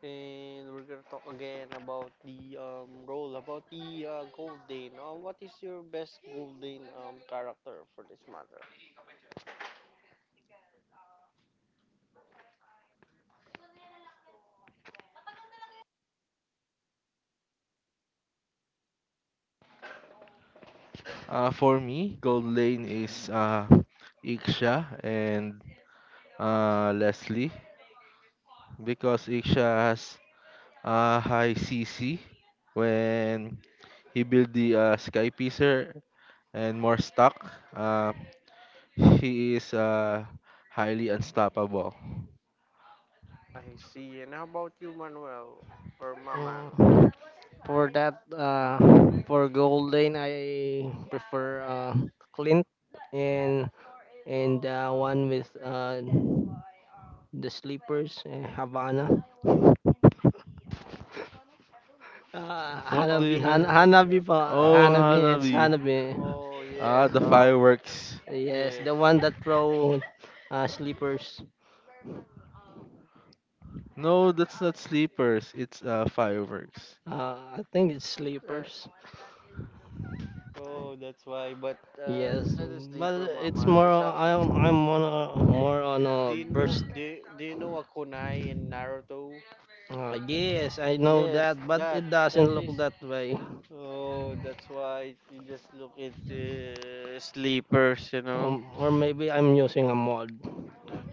Speaker 1: And we're gonna talk again about the role about the Golden. What is your best Golden character for this matter?
Speaker 2: For me, Gold Lane is Iksha and Leslie because Iksha has high CC when he built the Sky Pacer and more stock. He is highly unstoppable.
Speaker 1: I see. And how about you, Manuel or Mama?
Speaker 3: Mm, for that, for gold lane, I prefer Clint and one with the sleepers, Havana. Uh,
Speaker 2: What do
Speaker 1: Of
Speaker 3: Hanabi,
Speaker 2: you
Speaker 1: what
Speaker 3: Han-
Speaker 2: mean?
Speaker 1: is that?
Speaker 3: Hanabi
Speaker 1: Term?
Speaker 3: pa,
Speaker 2: Oh,
Speaker 1: I
Speaker 3: Hanabi, it's
Speaker 2: Hanabi.
Speaker 3: Hanabi.
Speaker 1: Oh,
Speaker 2: Ah,
Speaker 1: yes,
Speaker 2: the
Speaker 1: of.
Speaker 2: fireworks.
Speaker 3: Yes,
Speaker 1: Yes.
Speaker 3: the one that throw sleepers.
Speaker 2: No, that's not sleepers. It's fireworks.
Speaker 3: I think it's
Speaker 1: uh,
Speaker 3: sleepers.
Speaker 1: Oh, that's why. But it's
Speaker 3: Yes,
Speaker 1: not a
Speaker 3: but
Speaker 1: sleeper, Mama.
Speaker 3: it's more.
Speaker 1: It's actually.
Speaker 3: I'm on a, more on
Speaker 1: Do
Speaker 3: a
Speaker 1: you know?
Speaker 3: burst.
Speaker 1: Do you know a kunai in Naruto?
Speaker 3: Yes, I know
Speaker 1: Yes,
Speaker 3: that, but
Speaker 1: that
Speaker 3: it
Speaker 1: that
Speaker 3: doesn't look
Speaker 1: is.
Speaker 3: that way.
Speaker 1: Oh, that's why you just look at the sleepers.
Speaker 3: Or maybe I'm using a mod.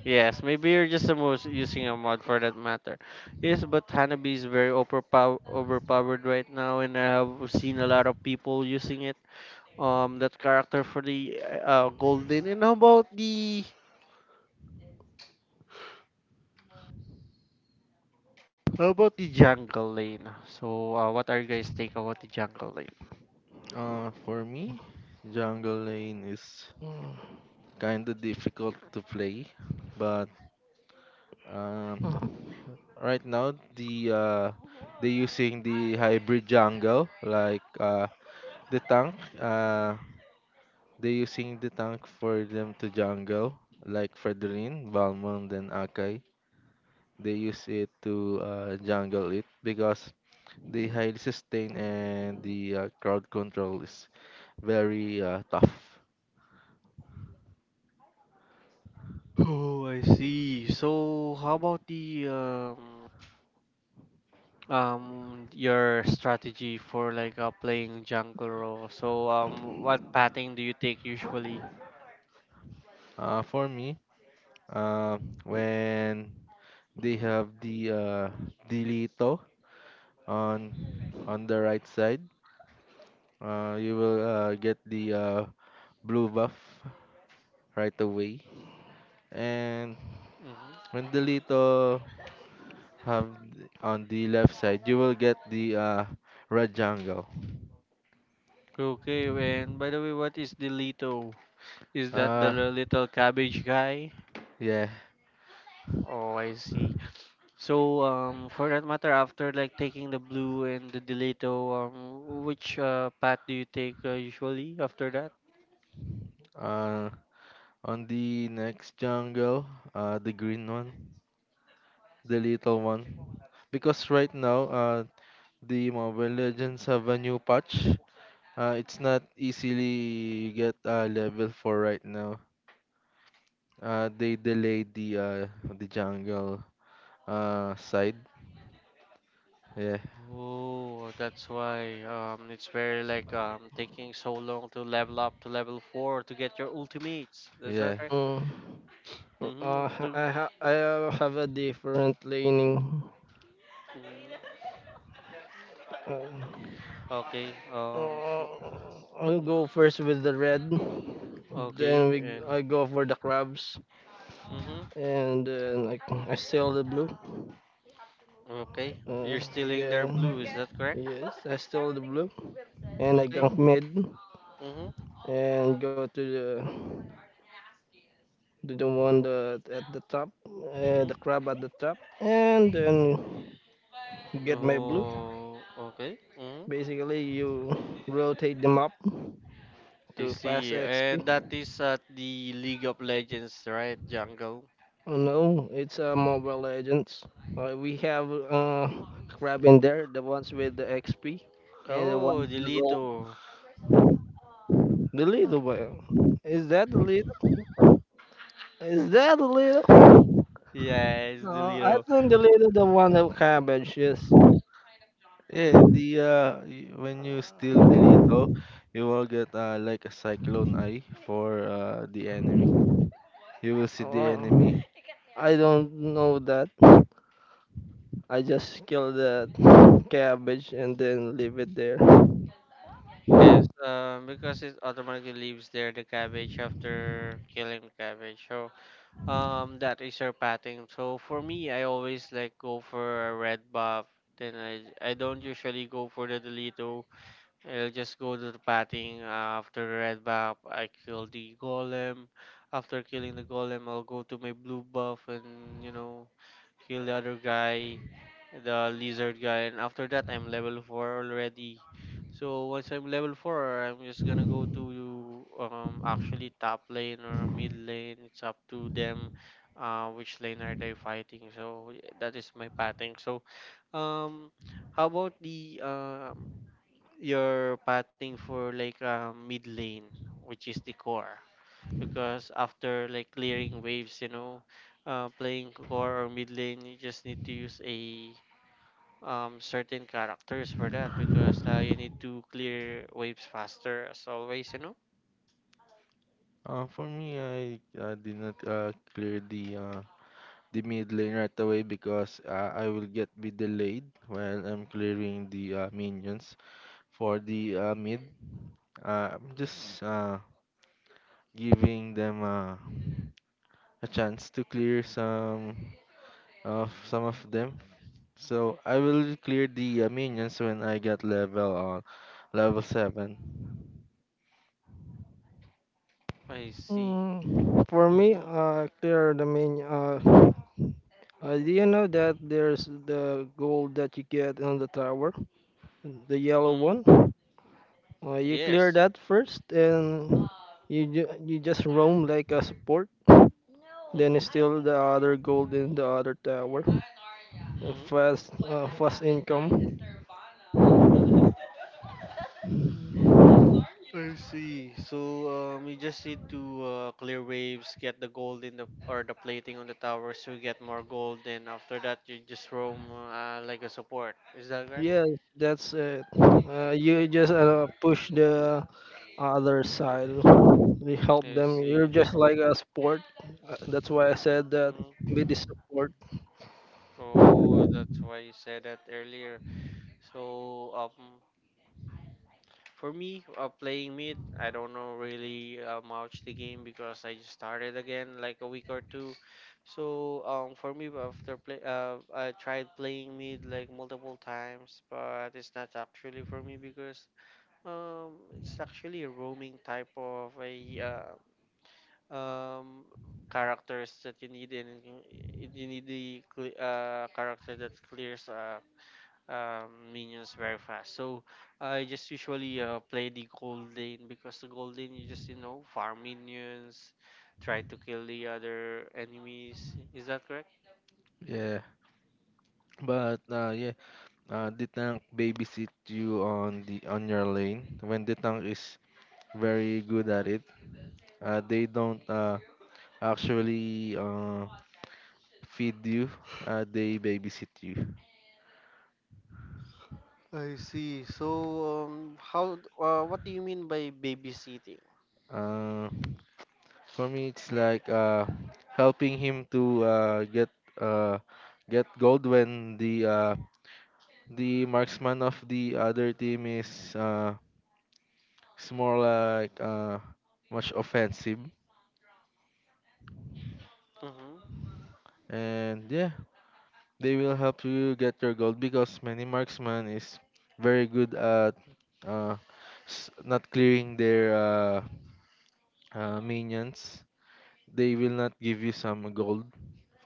Speaker 1: Yes, maybe you're just the most using a mod for that matter. Yes, but Hanabi is very overpowered right now, and I have seen a lot of people using it. That character for the golden. And how about the How about the jungle lane? So, what are you guys take about the jungle lane?
Speaker 2: For me, Jungle Lane is kind of difficult to play, but um,
Speaker 3: Mm.
Speaker 2: right now the they using the hybrid jungle like the tank uh they using the tank for them to jungle like Fredrin, Valmond and Akai. They use it to jungle it because they highly sustain and the crowd control is very tough.
Speaker 1: Oh, I see. So, how about the your strategy for like playing jungle role? So, what pathing do you take usually?
Speaker 2: For me, uh, when they have the Delito on on the right side, you will get the blue buff right away. And
Speaker 1: Mhm.
Speaker 2: when the little have on the left side, you will get the red jungle.
Speaker 1: Okay, and by the way, what is the Lito? Is that the
Speaker 2: Uh,
Speaker 1: little cabbage guy?
Speaker 2: yeah.
Speaker 1: Oh, I see. So, for that matter, after like taking the blue and the Delito, which path do you take usually after that?
Speaker 2: Uh, on the next jungle, the green one, the little one. Because right now, the Mobile Legends have a new patch. It's not easily get level 4 right now. They delayed the jungle side. Yeah,
Speaker 1: Oh, that's why it's very like taking so long to level up to level 4 to get your ultimates. Is that
Speaker 2: yeah.
Speaker 1: right?
Speaker 3: Mm. Uh,
Speaker 1: Mm-hmm. The,
Speaker 3: I have a different leaning.
Speaker 1: mm
Speaker 3: Uh,
Speaker 1: Okay.
Speaker 3: Uh, I'll
Speaker 1: Mm,
Speaker 3: go first with the red.
Speaker 1: Okay.
Speaker 3: Then we
Speaker 1: And.
Speaker 3: I go for the crabs,
Speaker 1: Mm-hmm.
Speaker 3: and then I steal the blue.
Speaker 1: Okay. You're stealing their
Speaker 3: Yeah,
Speaker 1: blue, is that correct?
Speaker 3: yes, I steal the blue, and I
Speaker 1: Okay.
Speaker 3: gank mid,
Speaker 1: Mm-hmm.
Speaker 3: and go to the one that at the top,
Speaker 1: Mm-hmm.
Speaker 3: the crab at the top, and then get my blue.
Speaker 1: Oh, okay. Mm-hmm.
Speaker 3: Basically, you rotate them up
Speaker 1: I
Speaker 3: to fast
Speaker 1: see. And
Speaker 3: XP.
Speaker 1: that is at the League of Legends, right, Jungle?
Speaker 3: Oh, no, it's Mobile Legends. We have crab in there, the ones with the XP, and the one
Speaker 1: Oh,
Speaker 3: with the gold.
Speaker 1: Delito.
Speaker 3: The little one. Is that the little? Is that the little?
Speaker 1: Yes,
Speaker 3: No, I
Speaker 1: Delito.
Speaker 3: think the little the one of cabbage. Yes.
Speaker 2: Yeah, the when you steal
Speaker 3: Uh,
Speaker 2: Delito, you will get like a cyclone eye for the enemy. You will see the enemy.
Speaker 3: oh, I don't know that. I just kill the cabbage and then leave it there.
Speaker 1: Yes, because it automatically leaves there the cabbage after killing the cabbage. So, that is her pattern. So for me, I always like go for a red buff. Then I don't usually go for the Delito. I'll just go to the batting after the red buff. I kill the golem. After killing the golem, I'll go to my blue buff and kill the other guy, the lizard guy. And after that, I'm level 4 already. So once I'm level 4, I'm just gonna go to actually top lane or mid lane. It's up to them, which lane are they fighting. So yeah, that is my pathing. So um, how about the you're patting for like mid lane, which is the core. Because after like clearing waves, playing core or mid lane, you just need to use a certain characters for that because you need to clear waves faster as always.
Speaker 2: For me I did not clear the mid lane right away because I will get be delayed while I'm clearing the minions for the mid. I'm just giving them a chance to clear some of them, so I will clear the minions when I get level on level seven.
Speaker 1: I see.
Speaker 3: Mm, for me,
Speaker 1: Mm-hmm.
Speaker 3: clear the main. Do you know that there's the gold that you get on the tower, the yellow
Speaker 1: Mm-hmm.
Speaker 3: one? You clear
Speaker 1: Yes.
Speaker 3: that first, and you just roam like a support. Then
Speaker 1: Mm-hmm.
Speaker 3: steal the other gold in the other tower.
Speaker 1: Mm-hmm.
Speaker 3: Fast income.
Speaker 1: I see. So you just need to clear waves, get the gold in the or the plating on the towers to get more gold. Then after that you just roam like a support. Is that correct?
Speaker 3: Yes, that's it. You just push the other side. You help
Speaker 1: I
Speaker 3: them. You're
Speaker 1: see.
Speaker 3: just like a sport. That's why I said that
Speaker 1: Mm.
Speaker 3: be the support.
Speaker 1: Oh, that's why you said that earlier. So for me, playing mid, I don't know really much the game because I just started again like a week or two. So for me, I tried playing mid like multiple times, but it's not actually for me because it's actually a roaming type of a um characters that you need and you need the character that clears minions very fast. So I just usually play the gold lane because the gold lane you just farm minions, try to kill the other enemies. Is that correct?
Speaker 2: Yeah, but the tank babysit you on the on your lane when the tank is very good at it. They don't actually feed you. They babysit you.
Speaker 1: I see. So, what do you mean by babysitting?
Speaker 2: Uh, for me, it's like helping him to uh, get gold when the the marksman of the other team is it's more like much offensive
Speaker 1: Mm-hmm.
Speaker 2: and yeah they will help you get your gold because many marksman is very good at uh not clearing their minions. They will not give you some gold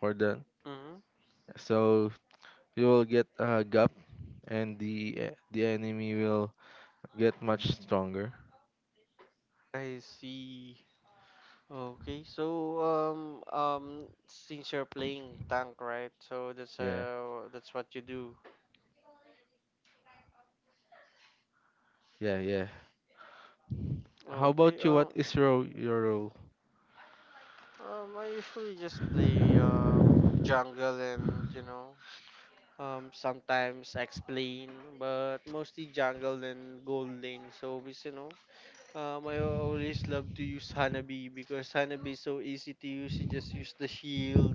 Speaker 2: for that.
Speaker 1: Mm-hmm.
Speaker 2: So you will get a gap and the the enemy will get much stronger.
Speaker 1: I see. Okay, so um since you're playing tank, right? So that's
Speaker 2: Yeah.
Speaker 1: uh that's what you do.
Speaker 2: Yeah, yeah. How
Speaker 1: Okay,
Speaker 2: about you? What is your role?
Speaker 1: I usually just play jungle and sometimes explain, but mostly jungle and gold lane. So because I always love to use Hanabi because Hanabi is so easy to use. You just use the shield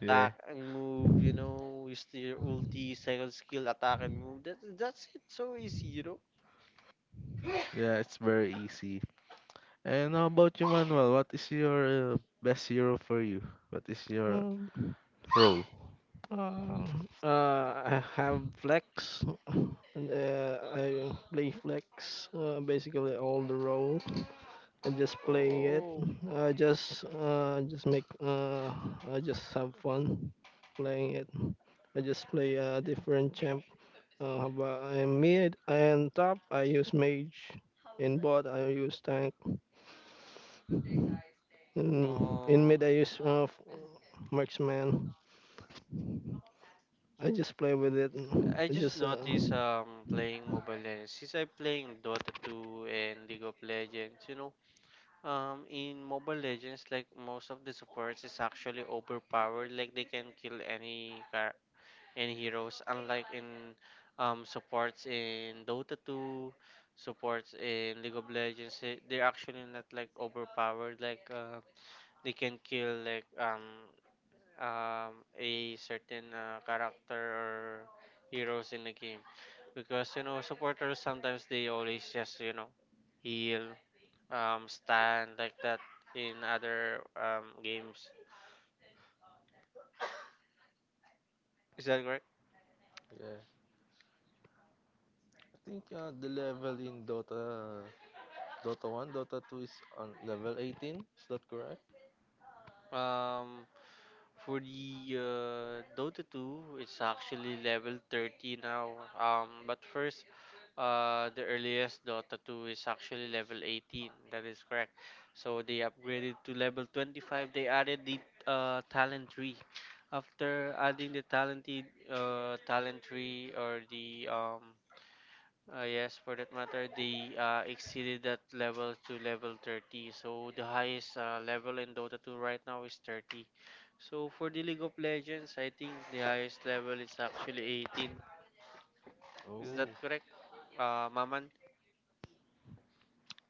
Speaker 2: Yeah.
Speaker 1: and move, use your ulti, second skill, attack and move. That's it. So easy.
Speaker 2: Yeah, it's very easy. And how about you, Manuel? What is your best hero for you? What is your
Speaker 3: Um,
Speaker 2: role?
Speaker 3: uh, I have flex. I play flex basically all the role. I just play it.
Speaker 1: Oh,
Speaker 3: I just make I just have fun playing it. I just play different champ. But in mid and top, I use mage. In bot, I use tank. In
Speaker 1: oh.
Speaker 3: mid, I
Speaker 1: I see.
Speaker 3: use marksman. I just play with it.
Speaker 1: I
Speaker 3: I
Speaker 1: just
Speaker 3: just
Speaker 1: noticed playing Mobile Legends. Since I'm playing Dota 2 and League of Legends, in Mobile Legends, like most of the supports is actually overpowered. Like they can kill any car and heroes, unlike in supports in Dota 2, supports in League of Legends, they're actually not like overpowered like they can kill like a certain character or heroes in the game, because you know supporters sometimes they always just you know heal, stand like that in other games. Is that correct?
Speaker 2: Yeah. I think the level in Dota 1, Dota 2 is on level 18. Is that correct?
Speaker 1: um For the Dota 2, it's actually level 30 now. But first, the earliest Dota 2 is actually level 18. That is correct. So they upgraded to level 25. They added the talent tree. After adding the talent tree or the yes, for that matter, they exceeded that level to level 30. So the highest level in Dota 2 right now is 30. So for the League of Legends, I think the highest level is actually 18. Is that
Speaker 2: Oh.
Speaker 1: correct, Maman?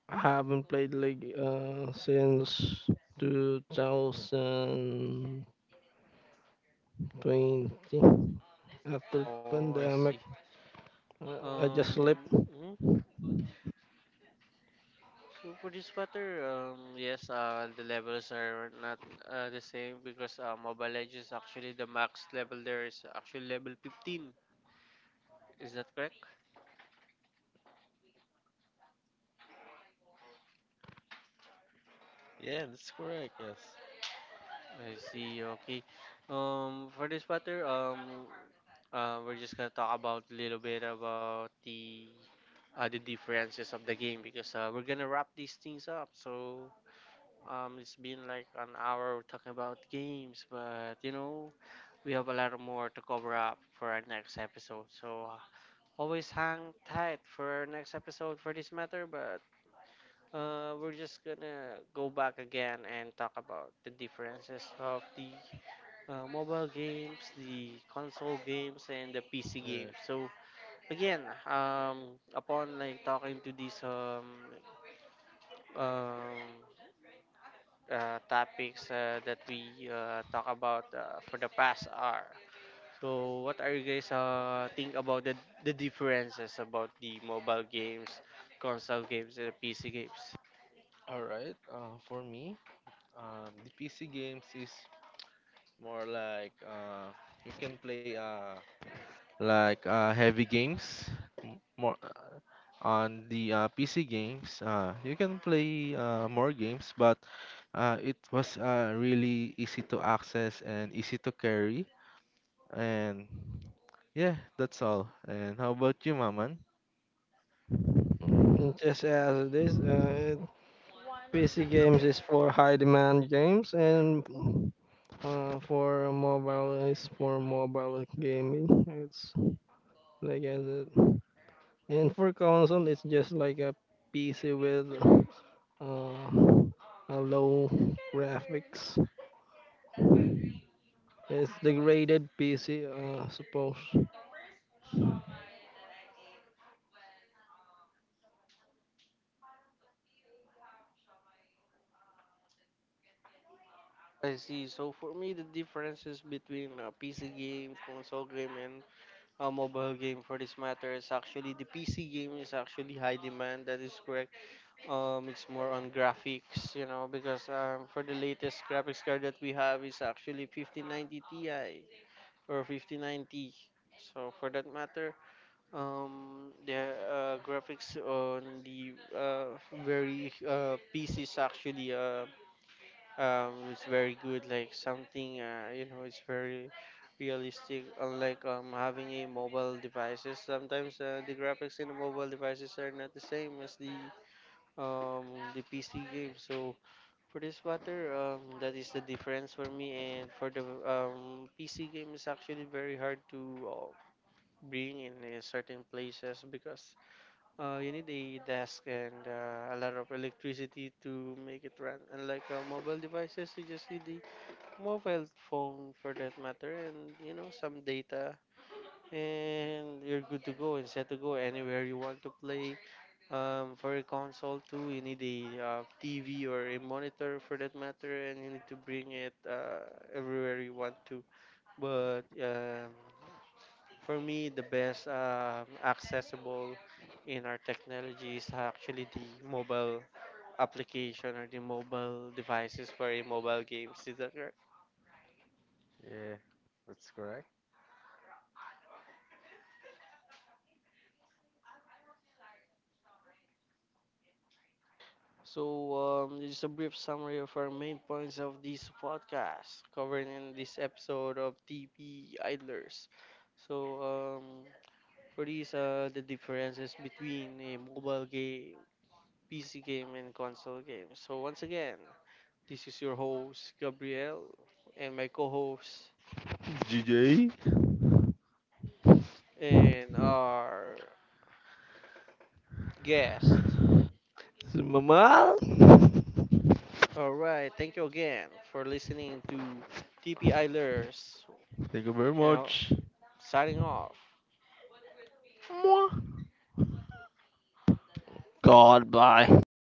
Speaker 3: I haven't played league since 2020 after
Speaker 1: Oh, I see.
Speaker 3: pandemic. I just sleep.
Speaker 1: Um, mm, so for this matter, yes, the levels are not the same because Mobile Legends, actually the max level there is actually level 15. Is that correct?
Speaker 2: Yeah, that's correct. Yes.
Speaker 1: I see. Okay. For this matter, we're just gonna talk about a little bit about the differences of the game because we're gonna wrap these things up. So it's been like an hour talking about games, but you know, we have a lot more to cover up for our next episode. So always hang tight for our next episode for this matter, but. We're just gonna go back again and talk about the differences of the mobile games, the console games, and the PC games.
Speaker 2: Yeah.
Speaker 1: So again, upon like talking to these um, topics that we talk about for the past hour. So what are you guys think about the differences about the mobile games, console games, and the PC games?
Speaker 2: All right. For me, the PC games is more like you can play like heavy games more on the PC games you can play more games but it was really easy to access and easy to carry and yeah that's all and how about you maman.
Speaker 3: Just as it is. PC games is for high demand games, and for mobile is for mobile gaming. It's like as it, and for console, it's just like a PC with uh, a low graphics. It's degraded PC, suppose.
Speaker 1: I see. So for me, the differences between PC game, console game, and a mobile game for this matter is actually the PC game is actually high demand. That is correct. It's more on graphics, you know, because for the latest graphics card that we have is actually 5090 Ti or 5090. So for that matter, the graphics on the very PCs actually it's very good, like something you know, it's very realistic, unlike having a mobile devices. Sometimes the graphics in the mobile devices are not the same as the PC game. So for this matter, that is the difference for me. And for the PC game is actually very hard to bring in certain places, because you need a desk and a lot of electricity to make it run. Unlike mobile devices, you just need the mobile phone for that matter, and you know, some data and you're good to go and set to go anywhere you want to play. For a console too, you need a TV or a monitor for that matter, and you need to bring it everywhere you want to. But for me, the best accessible in our technology is actually the mobile application or the mobile devices for a mobile games. Is that right?
Speaker 2: Yeah, that's correct.
Speaker 1: So, just a brief summary of our main points of this podcast covered in this episode of TP Idlers. So, For these, the differences between a mobile game, PC game, and console game. So, once again, this is your host, Gabriel, and my co host,
Speaker 2: GJ
Speaker 1: and our guest.
Speaker 3: Mamal.
Speaker 1: All right, thank you again for listening to TP Idlers,
Speaker 2: thank you very
Speaker 1: and
Speaker 2: much.
Speaker 1: signing off.
Speaker 2: Mwah.
Speaker 3: God, bye.